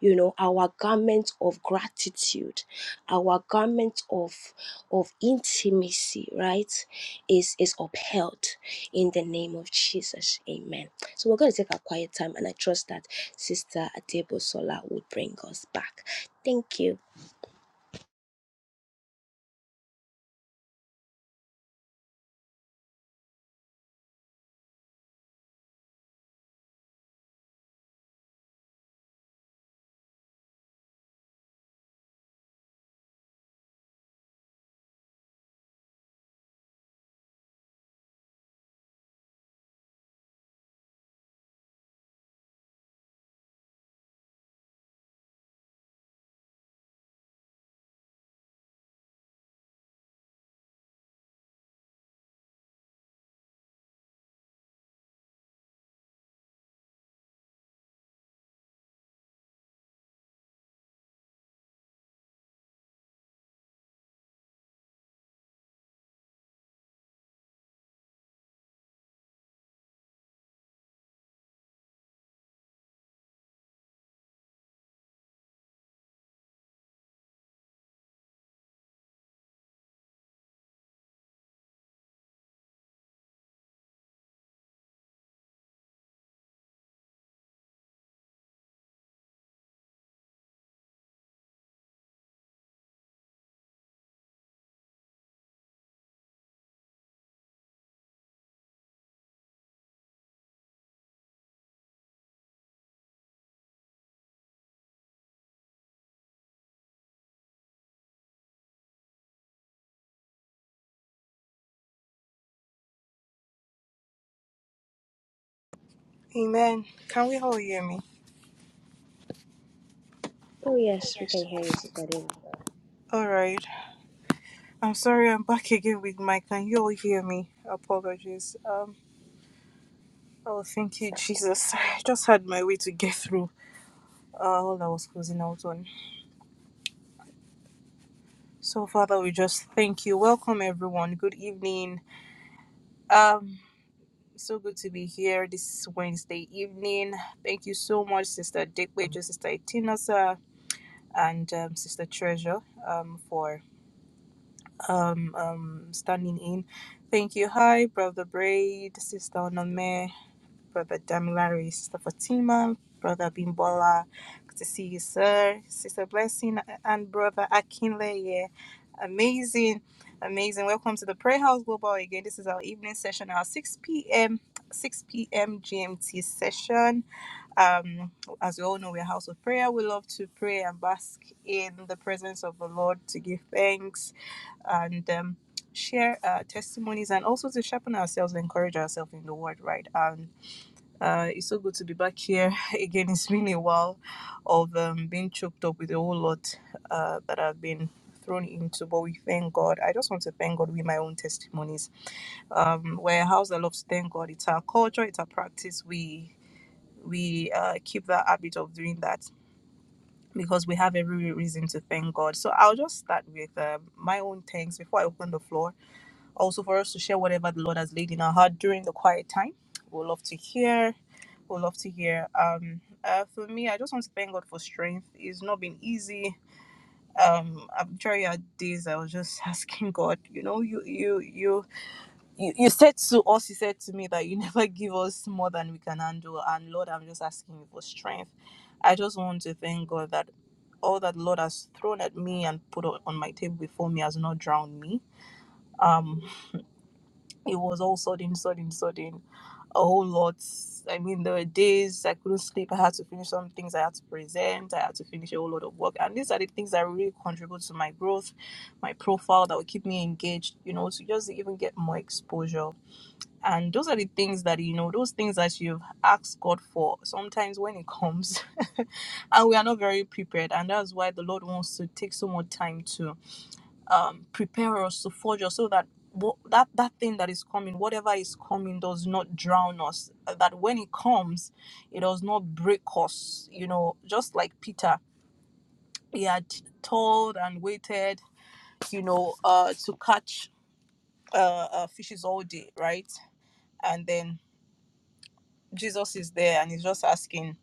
A: you know our garment of gratitude our garment of of intimacy right is is upheld in the name of jesus amen so we're going to take a quiet time and i trust that sister adebo sola will bring us back thank you
B: Amen. Can we all hear me?
A: oh yes we can
B: Yes.
A: hear you sister adebo
B: All right. I'm sorry I'm back again with Mike. Can you all hear me? Apologies. Um. Oh, thank you, Jesus. I just had my way to get through uh, all I was closing out on. So, Father, we just thank you. Welcome, everyone. Good evening. Um. So good to be here this Wednesday evening. Thank you so much, Sister Dickwager, Sister Itinosa, and um, Sister Treasure um, for um, um, standing in. Thank you. Hi, Brother Braid, Sister Onome. Brother Damilare, Sister Fatima, Brother Bimbola, good to see you, sir. Sister Blessing and Brother Akinle, yeah. Amazing, amazing. Welcome to the Prayer House Global again. This is our evening session, our 6 p.m. 6 p.m. GMT session. Um, as we all know, we're a house of prayer. We love to pray and bask in the presence of the Lord to give thanks and um, share uh, testimonies and also to sharpen ourselves and encourage ourselves in the word, right? and uh, it's so good to be back here again. It's been a while of um, being choked up with a whole lot uh, that I've been thrown into, but we thank God. I just want to thank God with my own testimonies. Um, we're a house that loves to thank God. It's our culture, it's our practice. We we uh, keep that habit of doing that because we have every reason to thank God. So I'll just start with um, my own thanks before I open the floor. Also, for us to share whatever the Lord has laid in our heart during the quiet time. We'll love to hear. We'll love to hear. Um, uh, for me, I just want to thank God for strength. It's not been easy. Um, I'm sure you had days I was just asking God. You know, you you you you, you said to us, you said to me that you never give us more than we can handle. And Lord, I'm just asking you for strength. I just want to thank God that all that the Lord has thrown at me and put on on my table before me has not drowned me. Um, it was all sudden, sudden, sudden, a whole lot. I mean, there were days I couldn't sleep. I had to finish some things. I had to present. I had to finish a whole lot of work. And these are the things that really contribute to my growth, my profile, that will keep me engaged. You know, to just even get more exposure. And those are the things that, you know, those things that you've asked God for sometimes when it comes. and we are not very prepared. And that's why the Lord wants to take so much time to um, prepare us, to forge us so that that, that thing that is coming, whatever is coming, does not drown us. That when it comes, it does not break us. You know, just like Peter, he had toiled and waited, you know, uh, to catch uh, uh, fishes all day, right? And then Jesus is there and he's just asking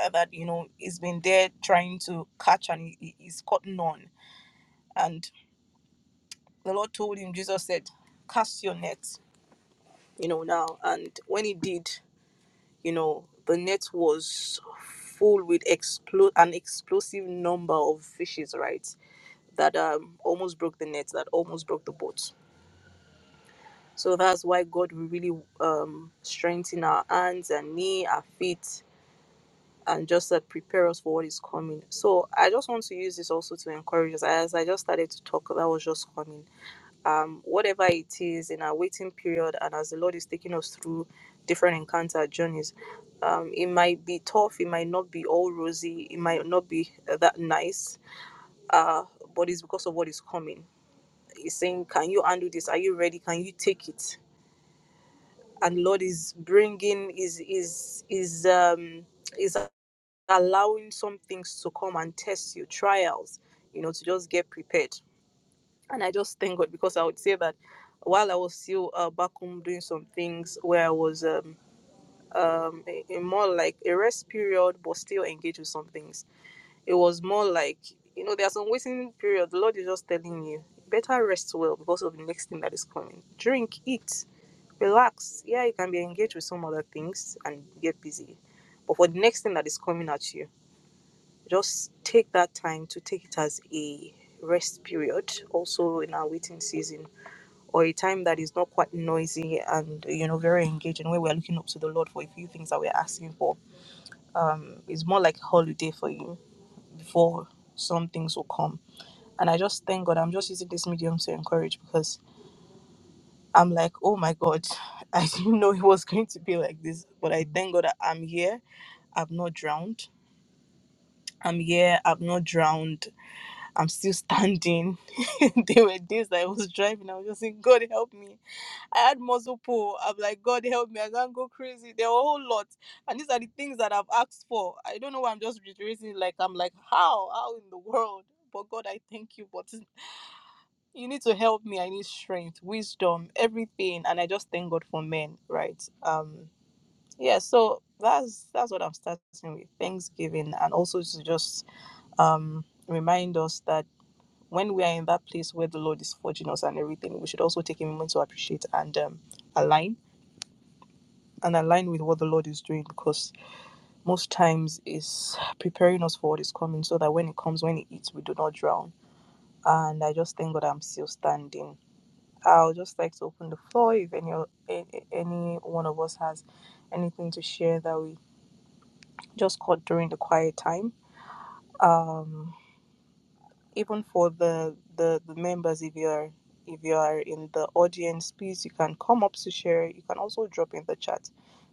B: uh, that, you know, he's been there trying to catch and he, he- he's caught none. And the Lord told him, Jesus said, cast your nets, you know, now. And when he did, you know, the net was full with explo- an explosive number of fishes, right? That um, almost broke the net, that almost broke the boat. So that's why God will really um, strengthen our hands and knee, our feet, and just uh, prepare us for what is coming. So I just want to use this also to encourage us. As I just started to talk, that was just coming. Um, whatever it is in our waiting period, and as the Lord is taking us through different encounter journeys, um, it might be tough. It might not be all rosy. It might not be uh, that nice. Uh, but it's because of what is coming. He's saying, "Can you handle this? Are you ready? Can you take it?" And Lord is bringing is is is um is allowing some things to come and test you, trials, you know, to just get prepared. And I just thank God because I would say that while I was still uh, back home doing some things where I was um, um, in more like a rest period, but still engaged with some things, it was more like, you know, there's some waiting period. The Lord is just telling you, better rest well because of the next thing that is coming. Drink, eat, relax. Yeah, you can be engaged with some other things and get busy. But for the next thing that is coming at you, just take that time to take it as a rest period also in our waiting season or a time that is not quite noisy and you know very engaging where we're looking up to the lord for a few things that we're asking for um it's more like a holiday for you before some things will come and i just thank god i'm just using this medium to encourage because i'm like oh my god i didn't know it was going to be like this but i thank god that i'm here i've not drowned i'm here i've not drowned I'm still standing. there were days that I was driving, I was just saying, God help me. I had muscle pull. I'm like, God help me, I can't go crazy. There were a whole lot. And these are the things that I've asked for. I don't know why I'm just reiterating, like, I'm like, how? How in the world? But God, I thank you. But you need to help me. I need strength, wisdom, everything. And I just thank God for men, right? Um, yeah, so that's that's what I'm starting with. Thanksgiving and also to just um remind us that when we are in that place where the Lord is forging us and everything, we should also take a moment to appreciate and um, align and align with what the Lord is doing because most times is preparing us for what is coming so that when it comes, when it hits, we do not drown. And I just thank God I'm still standing. I'll just like to open the floor if any eh, eh, any one of us has anything to share that we just caught during the quiet time. Um, even for the, the the members if you're if you are in the audience please you can come up to share you can also drop in the chat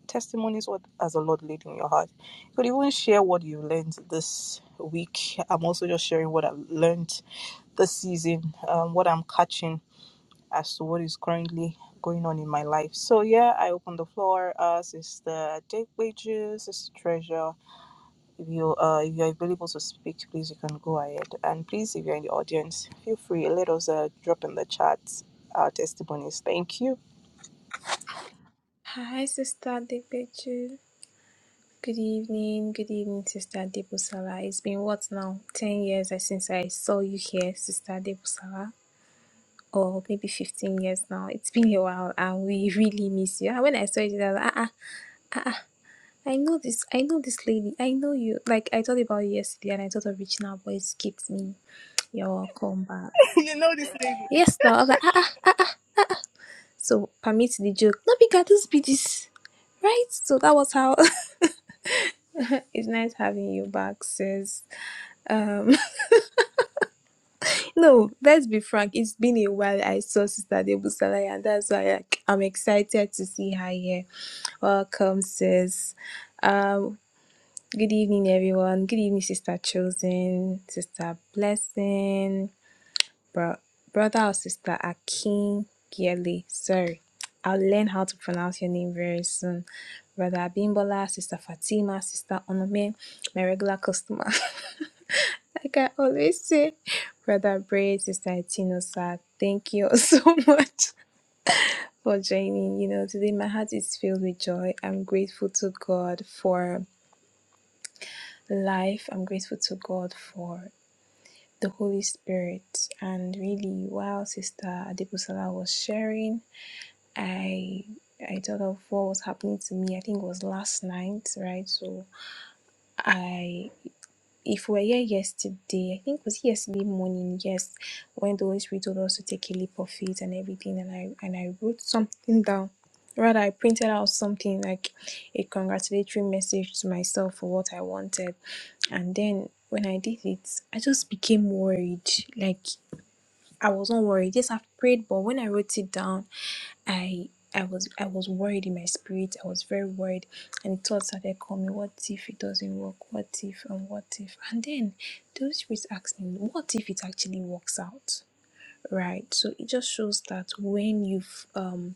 B: testimonies what as the lord laid in your heart you could even share what you learned this week i'm also just sharing what i've learned this season um, what i'm catching as to what is currently going on in my life so yeah i open the floor uh sister jake wages sister treasure if you uh, if you're available to speak, please you can go ahead. And please, if you're in the audience, feel free. Let us uh, drop in the chat our testimonies. Thank you.
D: Hi, Sister Depechu. Good evening. Good evening, Sister Debusala. It's been what now? 10 years uh, since I saw you here, Sister Debusala. Or maybe 15 years now. It's been a while and we really miss you. And when I saw you, I was like, ah, ah, ah, ah, I know this. I know this lady. I know you. Like, I thought about you yesterday and I thought of reaching out, but it skipped me. You're welcome back.
B: you know this lady.
D: Yes, now. I was like, ah, ah. ah." So, permit the joke. No, because this be this. Right? So, that was how. it's nice having you back, sis. Um, no, let's be frank. It's been a while I saw Sister Debusalai, and that's why I, I'm excited to see her here. Welcome, sis. Um, good evening, everyone. Good evening, Sister Chosen, Sister Blessing, bro, brother or sister Akin Giele. Sorry, I'll learn how to pronounce your name very soon. Brother Abimbola, Sister Fatima, Sister Onome, my regular customer. Like I always say, Brother Braid, Sister Tinosa, thank you all so much for joining. You know, today my heart is filled with joy. I'm grateful to God for life. I'm grateful to God for the Holy Spirit. And really, while Sister Adipusala was sharing, I I thought of what was happening to me. I think it was last night, right? So I. if we were here yesterday, I think it was yesterday morning, yes, when the Holy Spirit told us to take a leap of faith and everything, and I and I wrote something down. Rather, I printed out something like a congratulatory message to myself for what I wanted, and then when I did it, I just became worried. Like I was not worried. Yes, I've prayed, but when I wrote it down, I I was I was worried in my spirit. I was very worried, and thoughts started coming. What if it doesn't work? What if and what if? And then the Holy Spirit asked me, "What if it actually works out?" Right. So it just shows that when you've um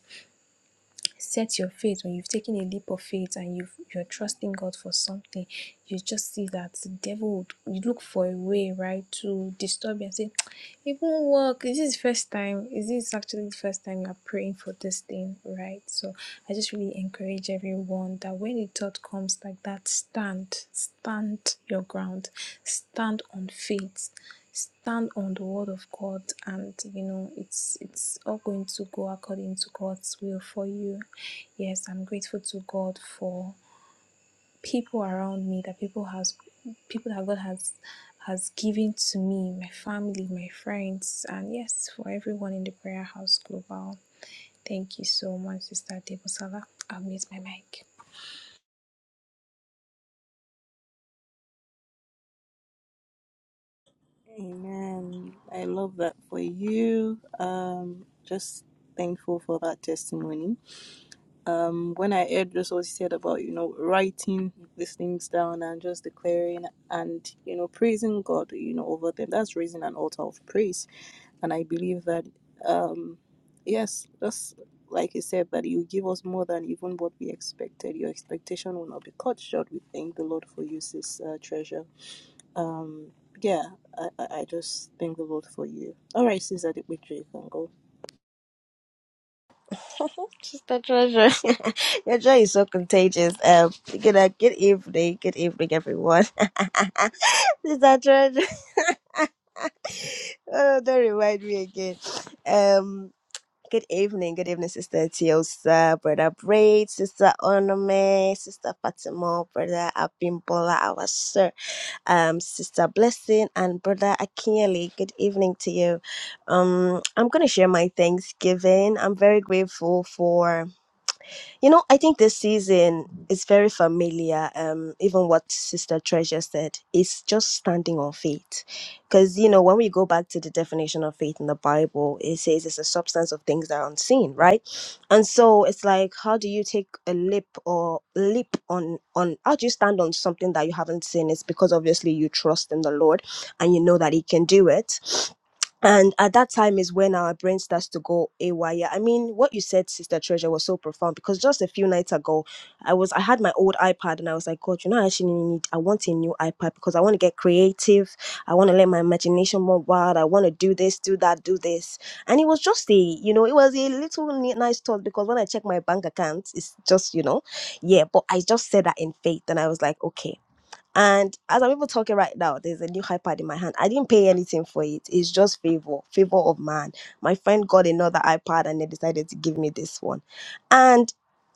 D: set your faith when you've taken a leap of faith and you've, you're trusting God for something, you just see that the devil would you look for a way, right, to disturb you and say, It won't work. Is this the first time? Is this actually the first time you're praying for this thing, right? So I just really encourage everyone that when the thought comes like that, stand, stand your ground, stand on faith, stand on the word of God and you know it's it's all going to go according to God's will for you. Yes, I'm grateful to God for people around me that people has people that God has has given to me, my family, my friends, and yes, for everyone in the prayer house global. Thank you so much, Sister Debosala. I'll mute my mic.
B: Amen. I love that for you. Um, just thankful for that testimony. Um, when I heard just what you said about, you know, writing these things down and just declaring and, you know, praising God, you know, over them, that's raising an altar of praise. And I believe that, um, yes, just like you said, that you give us more than even what we expected. Your expectation will not be cut short. We thank the Lord for you, sis uh, treasure. Um, yeah, I, I I just thank the Lord for you. All right, sis Adequitri, you can go.
A: Sister Treasure, your joy is so contagious. Um, good, uh, good evening, good evening, everyone. Sister Treasure, oh, don't remind me again. Um, Good evening, good evening, Sister Tiosa, Brother Braid, Sister Onome, Sister Fatima, Brother Abimbola, our sir, um, Sister Blessing, and Brother Akinyele. Good evening to you. Um, I'm gonna share my Thanksgiving. I'm very grateful for you know, I think this season is very familiar. Um, even what Sister Treasure said is just standing on faith, because you know when we go back to the definition of faith in the Bible, it says it's a substance of things that are unseen, right? And so it's like, how do you take a leap or leap on on? How do you stand on something that you haven't seen? It's because obviously you trust in the Lord, and you know that He can do it and at that time is when our brain starts to go AY. Yeah, I mean, what you said, Sister Treasure, was so profound because just a few nights ago, I was I had my old iPad and I was like, God, you know, I actually need I want a new iPad because I want to get creative. I want to let my imagination run wild. I want to do this, do that, do this. And it was just a, you know, it was a little ni- nice thought because when I check my bank account, it's just, you know, yeah. But I just said that in faith and I was like, okay, and as I'm even talking right now, there's a new iPad in my hand. I didn't pay anything for it. It's just favor, favor of man. My friend got another iPad and they decided to give me this one. And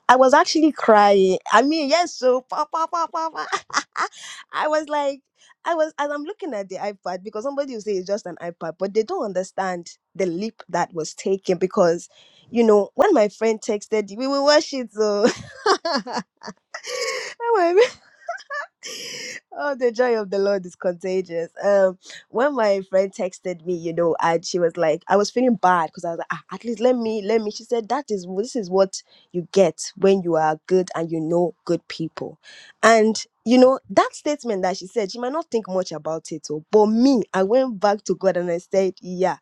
A: I was actually crying. I mean, yes, so pa, pa, pa, pa, pa. I was like, I was as I'm looking at the iPad because somebody will say it's just an iPad, but they don't understand the leap that was taken because you know when my friend texted we will watch it so oh, the joy of the Lord is contagious. Um, when my friend texted me, you know, and she was like, I was feeling bad because I was like, ah, at least let me, let me. She said, that is this is what you get when you are good and you know good people, and. You know, that statement that she said, she might not think much about it, oh, but me, I went back to God and I said, Yeah,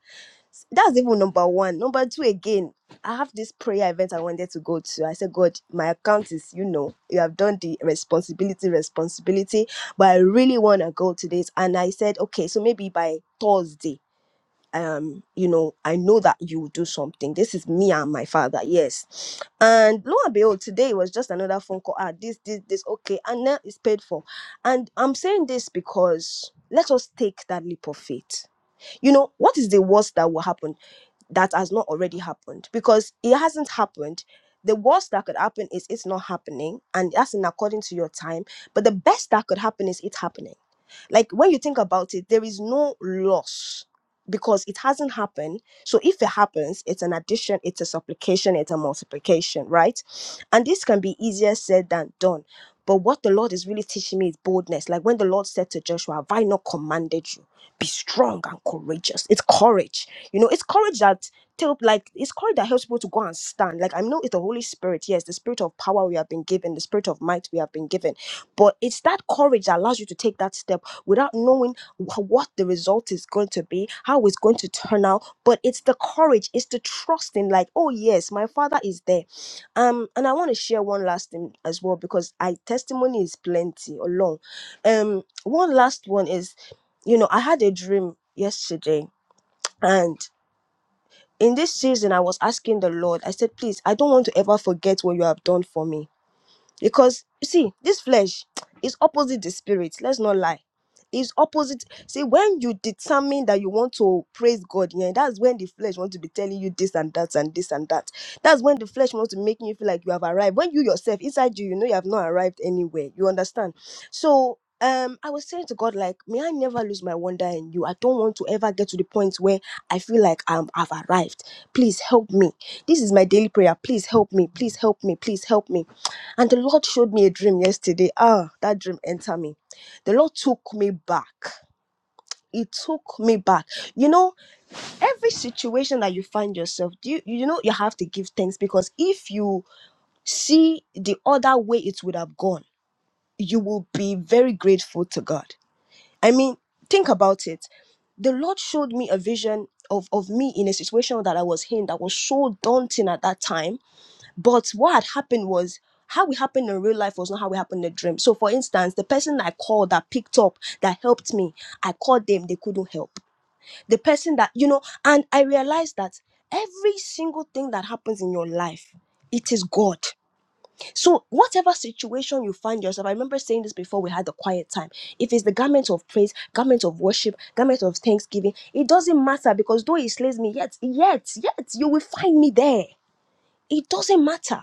A: that's even number one. Number two, again, I have this prayer event I wanted to go to. I said, God, my account is, you know, you have done the responsibility, responsibility, but I really want to go to this. And I said, okay, so maybe by Thursday, um, you know, I know that you will do something. This is me and my father, yes. And lo and behold, today was just another phone call. Ah, this, this, this, okay, and now it's paid for. And I'm saying this because let us take that leap of faith you know what is the worst that will happen that has not already happened because it hasn't happened the worst that could happen is it's not happening and that's in according to your time but the best that could happen is it's happening like when you think about it, there is no loss because it hasn't happened. So if it happens, it's an addition, it's a supplication, it's a multiplication, right? And this can be easier said than done. But what the Lord is really teaching me is boldness. Like when the Lord said to Joshua, Have I not commanded you? Be strong and courageous. It's courage. You know, it's courage that tell like it's courage that helps people to go and stand. Like I know it's the Holy Spirit, yes, the spirit of power we have been given, the spirit of might we have been given. But it's that courage that allows you to take that step without knowing wh- what the result is going to be, how it's going to turn out. But it's the courage, it's the trust in, like, oh yes, my father is there. Um, and I want to share one last thing as well because I testimony is plenty or long. Um, one last one is, you know, I had a dream yesterday, and in this season, I was asking the Lord, I said, please, I don't want to ever forget what you have done for me because you see this flesh is opposite the spirit let's not lie is opposite see when you determine that you want to praise god yeah that's when the flesh wants to be telling you this and that and this and that that's when the flesh wants to make you feel like you have arrived when you yourself inside you you know you have not arrived anywhere you understand so um i was saying to god like may i never lose my wonder in you i don't want to ever get to the point where i feel like i'm i've arrived please help me this is my daily prayer please help me please help me please help me and the Lord showed me a dream yesterday. Ah, that dream entered me. The Lord took me back. It took me back. You know, every situation that you find yourself, do you, you know you have to give thanks because if you see the other way it would have gone, you will be very grateful to God. I mean, think about it. The Lord showed me a vision of, of me in a situation that I was in that was so daunting at that time but what had happened was how it happened in real life was not how it happened in the dream. So, for instance, the person I called that picked up that helped me, I called them, they couldn't help. The person that, you know, and I realized that every single thing that happens in your life, it is God. So, whatever situation you find yourself, I remember saying this before we had the quiet time. If it's the garment of praise, garment of worship, garment of thanksgiving, it doesn't matter because though He slays me, yet, yet, yet, you will find me there it doesn't matter.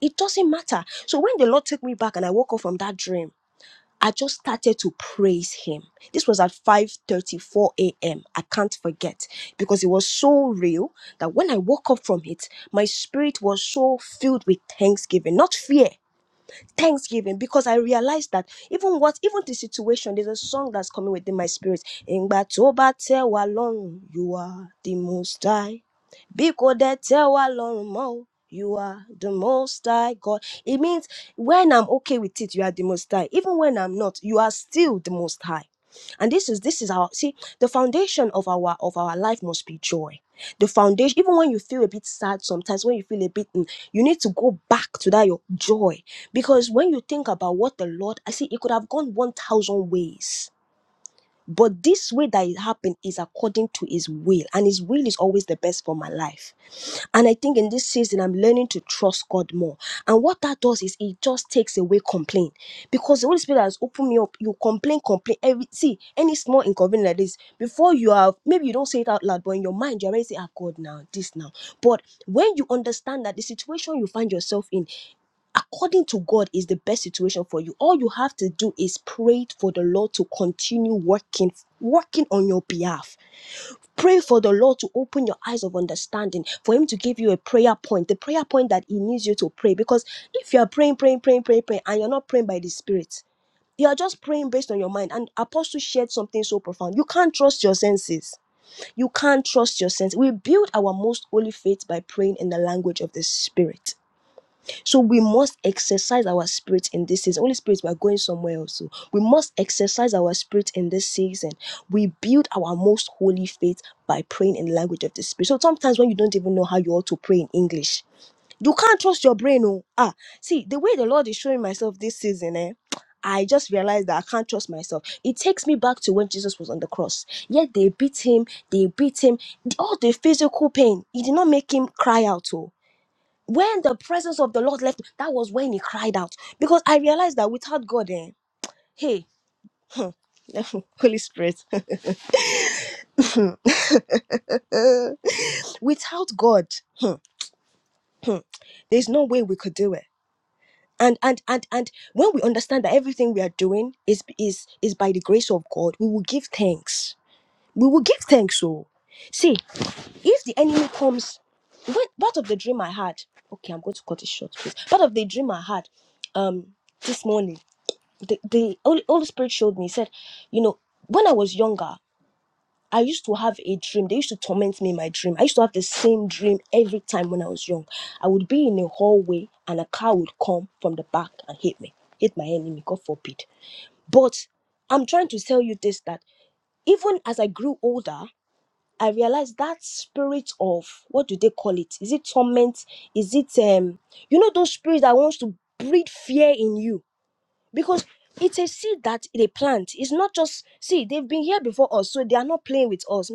A: It doesn't matter. So when the Lord took me back and I woke up from that dream, I just started to praise him. This was at 5:34 a.m. I can't forget because it was so real that when I woke up from it, my spirit was so filled with thanksgiving, not fear, thanksgiving because I realized that even what even the situation, there's a song that's coming within my spirit. Ngba to ba te wa lorun, you are the most high. Biko de te wa lorun mo, you are the most high God. It means when I'm okay with it, you are the most high. Even when I'm not, you are still the most high. And this is this is our see the foundation of our of our life must be joy the foundation even when you feel a bit sad sometimes when you feel a bit mm, you need to go back to that your joy because when you think about what the lord i see it could have gone 1000 ways but this way that it happened is according to his will, and his will is always the best for my life. And I think in this season, I'm learning to trust God more. And what that does is it just takes away complaint because the Holy Spirit has opened me up. You complain, complain. Every see any small inconvenience like this before you have maybe you don't say it out loud, but in your mind you already say, "Ah, God, now this now." But when you understand that the situation you find yourself in according to God is the best situation for you. All you have to do is pray for the Lord to continue working, working on your behalf. Pray for the Lord to open your eyes of understanding, for Him to give you a prayer point, the prayer point that He needs you to pray. Because if you are praying, praying, praying, praying, praying, and you're not praying by the Spirit, you are just praying based on your mind. And Apostle shared something so profound. You can't trust your senses. You can't trust your senses. We build our most holy faith by praying in the language of the Spirit so we must exercise our spirit in this season. Holy Spirit, we are going somewhere else. so We must exercise our spirit in this season. We build our most holy faith by praying in the language of the spirit. So sometimes when you don't even know how you ought to pray in English, you can't trust your brain. Oh, ah, see the way the Lord is showing myself this season, eh? I just realized that I can't trust myself. It takes me back to when Jesus was on the cross. Yet they beat him, they beat him. All the physical pain, it did not make him cry out. Oh. When the presence of the Lord left, that was when he cried out. Because I realized that without God, eh, hey, Holy Spirit, uh, without God, hmm, there's no way we could do it. And and and and when we understand that everything we are doing is is is by the grace of God, we will give thanks. We will give thanks. So, see, if the enemy comes, when, part of the dream I had. Okay, I'm going to cut it short, please. Part of the dream I had, um, this morning the, the Holy Holy Spirit showed me, He said, you know, when I was younger, I used to have a dream. They used to torment me in my dream. I used to have the same dream every time when I was young. I would be in a hallway and a car would come from the back and hit me, hit my enemy, God forbid. But I'm trying to tell you this that even as I grew older, I realized that spirit of what do they call it? Is it torment? Is it um you know those spirits that wants to breed fear in you? because it's a seed that they plant. It's not just see they've been here before us, so they are not playing with us.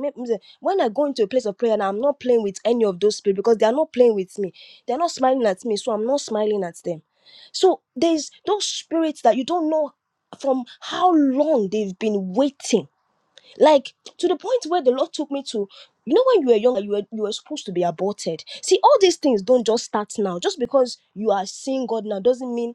A: When I go into a place of prayer, and I'm not playing with any of those people because they are not playing with me. They are not smiling at me, so I'm not smiling at them. So there's those spirits that you don't know from how long they've been waiting, like to the point where the Lord took me to. You know, when you were younger, you were you were supposed to be aborted. See, all these things don't just start now. Just because you are seeing God now doesn't mean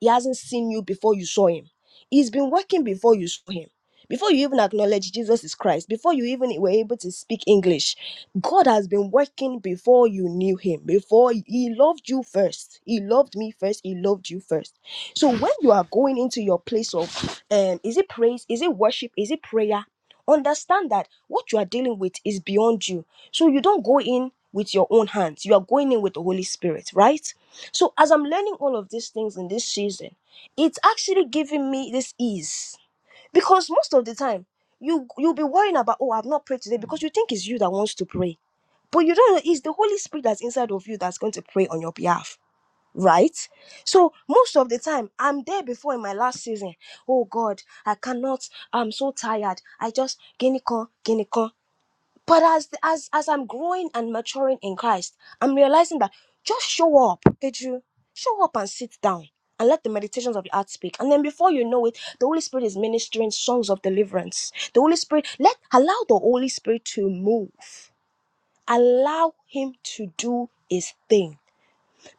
A: he hasn't seen you before you saw him. He's been working before you saw him. Before you even acknowledge Jesus is Christ, before you even were able to speak English, God has been working before you knew him. Before he loved you first. He loved me first. He loved you first. So when you are going into your place of um is it praise, is it worship, is it prayer? Understand that what you are dealing with is beyond you. So you don't go in with your own hands. You are going in with the Holy Spirit, right? So as I'm learning all of these things in this season, it's actually giving me this ease because most of the time you you'll be worrying about oh I've not prayed today because you think it's you that wants to pray, but you don't know it's the Holy Spirit that's inside of you that's going to pray on your behalf. Right, so most of the time I'm there before in my last season. Oh God, I cannot. I'm so tired. I just ginicon, ginicon. But as as as I'm growing and maturing in Christ, I'm realizing that just show up, Edu. Show up and sit down and let the meditations of your heart speak. And then before you know it, the Holy Spirit is ministering songs of deliverance. The Holy Spirit, let allow the Holy Spirit to move. Allow him to do his thing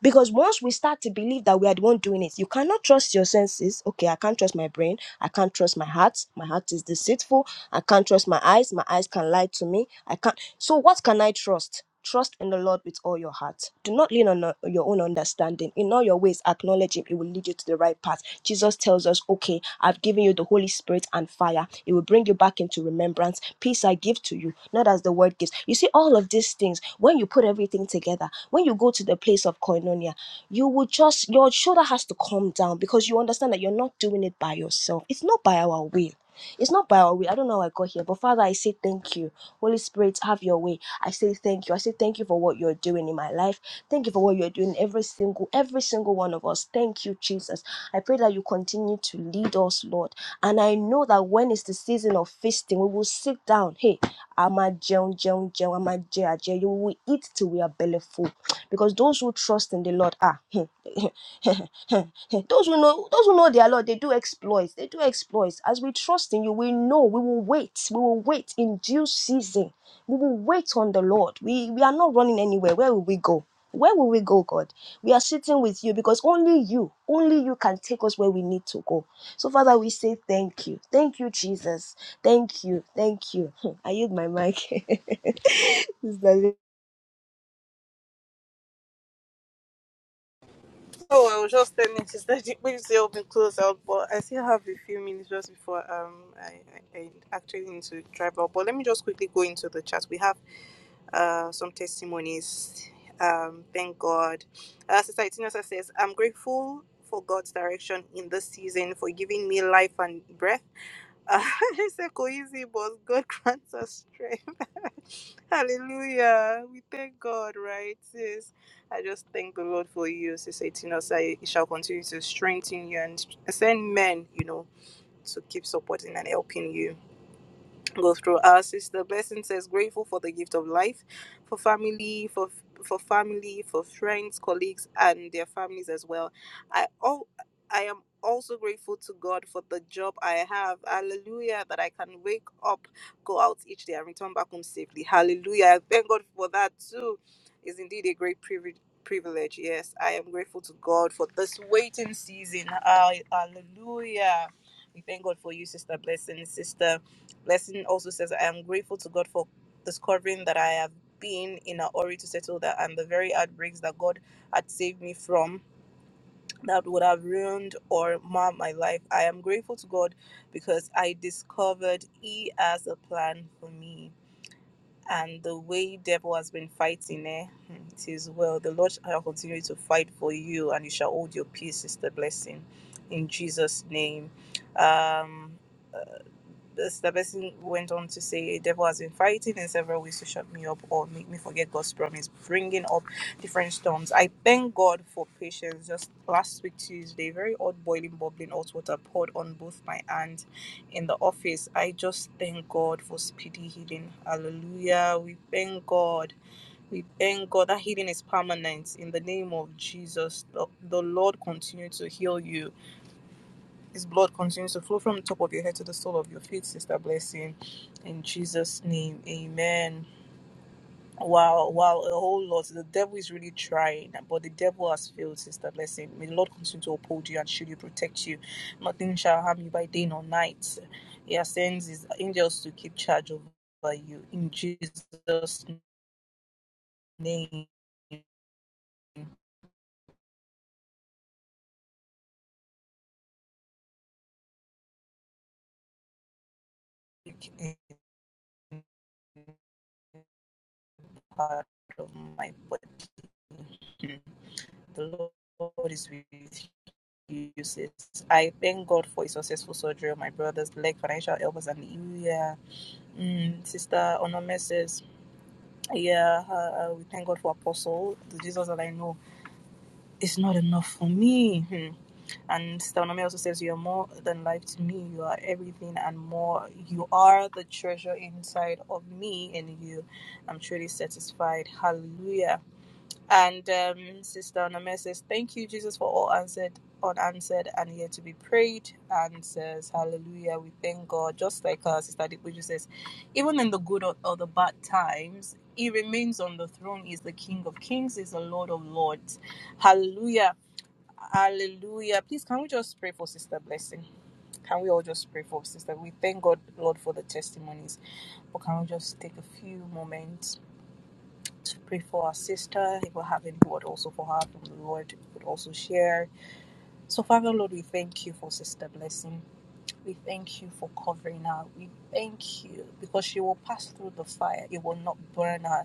A: because once we start to believe that we are the one doing it, you cannot trust your senses. Okay, I can't trust my brain. I can't trust my heart. My heart is deceitful. I can't trust my eyes. My eyes can lie to me. I can't. So, what can I trust? Trust in the Lord with all your heart. Do not lean on uh, your own understanding. In all your ways, acknowledge Him. It will lead you to the right path third part, Jesus tells us, Okay, I've given you the Holy Spirit and fire. It will bring you back into remembrance. Peace I give to you, not as the world gives. You see, all of these things, when you put everything together, when you go to the place of koinonia, you will just, your shoulder has to calm down because you understand that you're not doing it by yourself. It's not by our will. It's not by our way. I don't know how I got here, but Father, I say thank you. Holy Spirit, have your way. I say thank you. I say thank you for what you're doing in my life. Thank you for what you're doing every single every single one of us. Thank you, Jesus. I pray that you continue to lead us, Lord. And I know that when it's the season of feasting, we will sit down. Hey, a àmá jẹun jẹun jẹun àmá jẹ àjẹyó we will eat till we are belly full because those who trust in the lord ah those who know those who know their lord they do exploits they do exploits as we trust in you we know we will wait we will wait in due season we will wait on the lord we we are not running anywhere where will we go where will we go, God? We are sitting with you because only you, only you can take us where we need to go. So, Father, we say thank you. Thank you, Jesus. Thank you. Thank you. I use my mic. Sister Lee.
B: Oh, I was just telling Sister that the say open close out, but I still have a few minutes just before um I, I, I actually need to drive out. But let me just quickly go into the chat. We have. uh, some testimonies. Um, thank God. Uh, Sister Itinosa says, I'm grateful for God's direction in this season for giving me life and breath. Uh, it's a easy, but God grants us strength. Hallelujah. We thank God, right, sis? I just thank the Lord for you, Sister Itinosa. He shall continue to strengthen you and send men, you know, to keep supporting and helping you go through. Our sister Blessing says grateful for the gift of life, for family, for for family, for friends, colleagues, and their families as well. I all I am also grateful to God for the job I have. Hallelujah. That I can wake up, go out each day and return back home safely. Hallelujah. I Thank God for that too. Is indeed a great privilege privilege. Yes. I am grateful to God for this waiting season. Ah, Hallelujah. We thank God for you, Sister Blessing, Sister. Blessing also says, I am grateful to God for discovering that I have been in a hurry to settle that and the very outbreaks that God had saved me from that would have ruined or marred my life. I am grateful to God because I discovered He has a plan for me. And the way devil has been fighting eh, hmm, it is well. The Lord shall continue to fight for you and you shall hold your peace, sister blessing. In Jesus' name. Um this, The Stabesin went on to say, Devil has been fighting in several ways to shut me up or make me forget God's promise, bringing up different storms. I thank God for patience. Just last week, Tuesday, very odd boiling, bubbling hot water poured on both my hands in the office. I just thank God for speedy healing. Hallelujah. We thank God. We thank God that healing is permanent in the name of Jesus. The the Lord continue to heal you his blood continues to flow from the top of your head to the sole of your feet, Sister Blessing. In Jesus' name, amen. Wow, wow, a whole lot. The devil is really trying, but the devil has failed, Sister Blessing. May the Lord continue to uphold you and shield you, protect you. Nothing shall harm you by day nor night. He sends his angels to keep charge over you. In Jesus' name, part of my body. The Lord is with you. uses. I thank God for a successful surgery of my brother's leg, financial elbows, and the yeah, mm, sister Onome says, yeah, uh, uh, we thank God for Apostle, the Jesus that I know. It's not enough for me. Hmm. And sister Onome also says, you're more than life to me. You are everything and more. You are the treasure inside of me and you. I'm truly satisfied. Hallelujah. And um, Sister Onome says, Thank you, Jesus, for all answered, unanswered, and yet to be prayed. And says, Hallelujah, we thank God. Just like uh, Sister Dikbuju says, even in the good or, or the bad times, He remains on the throne. He's the King of kings, He's the Lord of lords. Hallelujah, hallelujah. Please, can we just pray for Sister Blessing? Can we all just pray for Sister? We thank God, Lord, for the testimonies. But can we just take a few moments? to pray for our sister. If we have any word also for her from the Lord, we could also share. So, Father Lord, we thank you for Sister Blessing. We thank you for covering her. We thank you because she will pass through the fire. It will not burn her.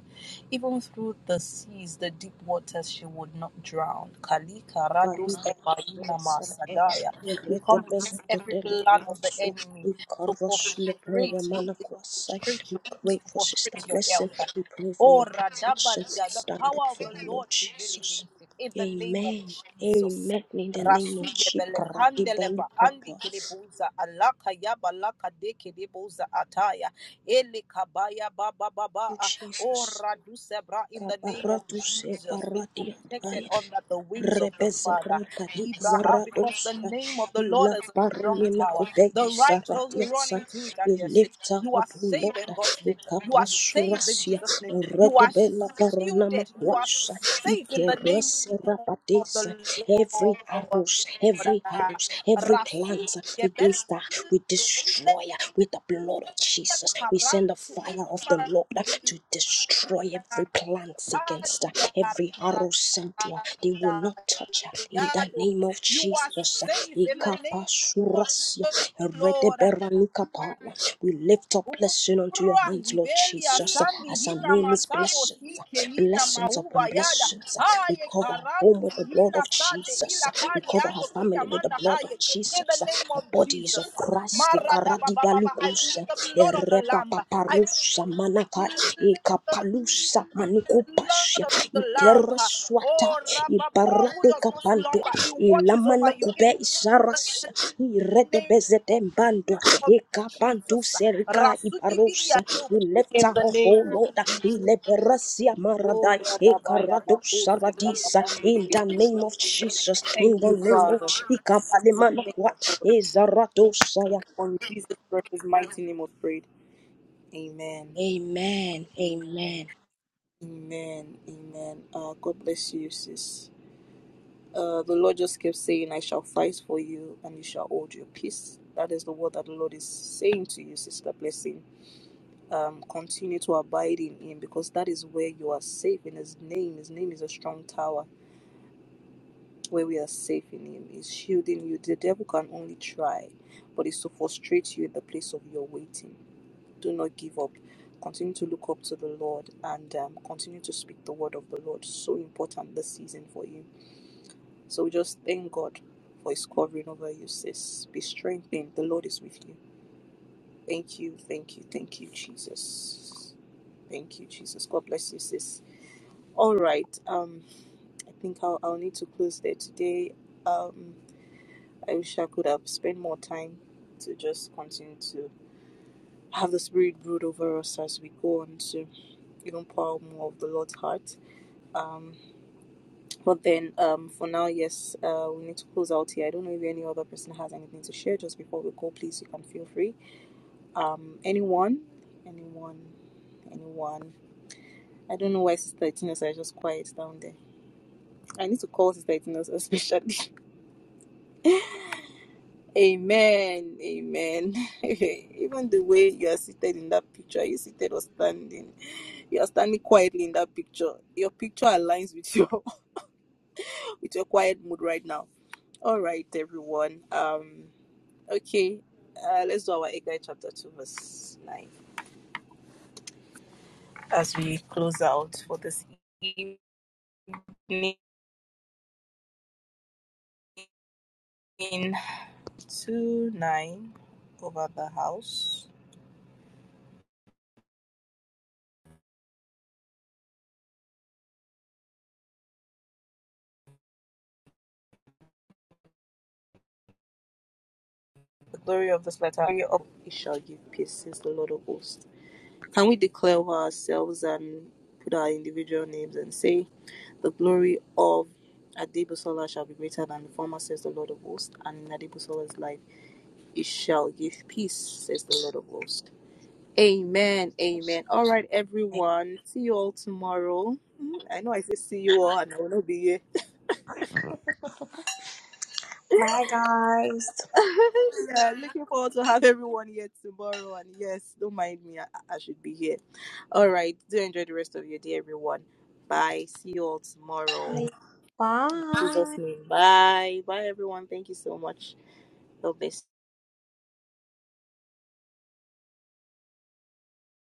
B: Even through the seas, the deep waters, she would not drown. Kalika rados ebaina masadaya. We come against every plan of the enemy
A: We
B: to
A: pray
B: frustrate your peace, to frustrate your peace, to
A: for Sister
B: frustrate your
A: Blessing.
B: health.
A: We pray for
B: Oh,
A: your protection.
B: Radabaliga, the
A: Stand
B: power
A: up
B: of
A: for
B: the
A: the Lord
B: Lord prevail
A: Jesus.
B: against it. In the
A: Amen.
B: name of
A: Amen.
B: Jesus.
A: In the name of
B: Rasuge
A: Chikara Ibani
B: belekandeleba andi
A: Papa.
B: kiribuza alaka yaba laka de kiribuza ataya eli kabaya baba baba ah. oh
A: Jesus.
B: radusebra in the name of
A: Kaparatus
B: Jesus be protected
A: paradiataya
B: under the wings of the
A: rebeze
B: Father
A: rabadi
B: Libraha because the
A: zaradosa
B: name of the Lord
A: ila
B: is a strong
A: parnime
B: tower
A: kube
B: the righteous run
A: zaradiatsa
B: into it and
A: we
B: you're safe
A: lift her
B: you are
A: up O
B: saved
A: Lord
B: in God's name. You are saved in
A: ikapasurasia
B: Jesus' name. You are
A: redebela paranama
B: shielded. You are
A: kwasa
B: safe in the name
A: ikerese
B: of
A: rabadesa
B: the
A: Every
B: Lord.
A: arrows, every arrows, every
B: Rasu
A: plant
B: gebele
A: against her, we destroy her with the blood of Jesus. We send the
B: karatu
A: fire of the Lord to destroy every
B: imanakadia
A: plant against her, every arrow sent to her. They will not touch her in the
B: radayado.
A: name of
B: You are
A: Jesus.
B: safe in the name of
A: Ikapasurasia,
B: the Lord.
A: eredeberanukapaya. We lift up blessing unto your
B: Ura
A: hands, Lord
B: hibelia
A: Jesus,
B: sandi
A: as our
B: hina
A: name is
B: masabo
A: blessed
B: sike hina
A: blessings
B: mauba
A: upon
B: yada
A: blessings. We
B: haye
A: cover our home
B: karandu
A: with the blood
B: fihina
A: of
B: sate
A: Jesus.
B: ila
A: We
B: kari
A: cover our
B: ando kina
A: family with the
B: mana
A: blood of
B: haye in
A: Jesus.
B: the name of
A: Our bodies of
B: Jesus
A: Christ. The
B: mara da ba ba ba ba I plead
A: karadibalukusa,
B: the blood of the lamb I
A: erepapaparusa manaka,
B: plead the
A: ekapalusa
B: blood
A: manikupasha,
B: of the lamb ha.
A: ikereswata,
B: oh rabba one who does not
A: ibaratekapantua,
B: slumber he watches over
A: ilamana
B: you in
A: kube
B: the
A: isaras,
B: name
A: Redebezedembando,
B: of
A: Ekapantu
B: Jesus.
A: Serika
B: Rasudibidia
A: Iparosa, you lift her up, O
B: name of
A: Lord,
B: Jesus.
A: Ileberasia
B: Oh,
A: Maradai,
B: Radabaya
A: Ekarado
B: Bakose
A: Saradisa,
B: Bakabande
A: in the
B: Kese.
A: name of Jesus, in
B: Thank
A: the
B: you,
A: name of
B: Father.
A: Chika Palemanakwa, Izarato Saya.
B: On Jesus precious mighty name of prayed. Amen.
A: Amen, amen.
B: Amen. Amen. Uh, God bless you, sis. Uh, the Lord just kept saying, I shall fight for you and you shall hold your peace. That is the word that the Lord is saying to you, Sister Blessing. Um, continue to abide in Him because that is where you are safe in His name. His name is a strong tower. where we are safe in Him. He's shielding you. The devil can only try, but it's to frustrate you in the place of your waiting. Do not give up. Continue to look up to the Lord and um, continue to speak the word of the Lord. So important this season for you. So we just thank God for His covering over you, sis. Be strengthened. The Lord is with you. Thank you, thank you, thank you, Jesus. Thank you, Jesus. God bless you, sis. All right. Um, I think I'll, I'll need to close there today. Um, I wish I could have spent more time to just continue to have the Spirit brood over us as we go on to even pour out more of the Lord's heart. Um, but then um, for now, yes, uh, we need to close out here. I don't know if any other person has anything to share just before we go. Please, you can feel free. Um, anyone, anyone, anyone. I don't know why Sister Itinosa is just quiet down there. I need to call Sister Itinosa especially. Amen. Amen. Even the way you are seated in that picture, you seated or standing. You are standing quietly in that picture. Your picture aligns with your with your quiet mood right now. All right, everyone. Um okay. Uh, let's do our Eggai chapter 2, verse 9 as we close out for this evening. 2 9 over the house. The glory of this letter of it shall give peace, says the Lord of hosts. Can we declare over ourselves and put our individual names and say, The glory of Adibusola shall be greater than the former, says the Lord of hosts, and in Adibusola's life it shall give peace, says the Lord of hosts. Amen. Amen. All right, everyone. See you all tomorrow. Mm, I know I say see you all, and I will not be here.
D: Bye, guys.
B: yeah, looking forward to have everyone here tomorrow. And yes, don't mind me. I, I should be here. All right. Do enjoy the rest of your day, everyone. Bye. See you all tomorrow. In
D: Bye.
B: Jesus name. Bye. Bye, everyone. Thank you so much. God bless.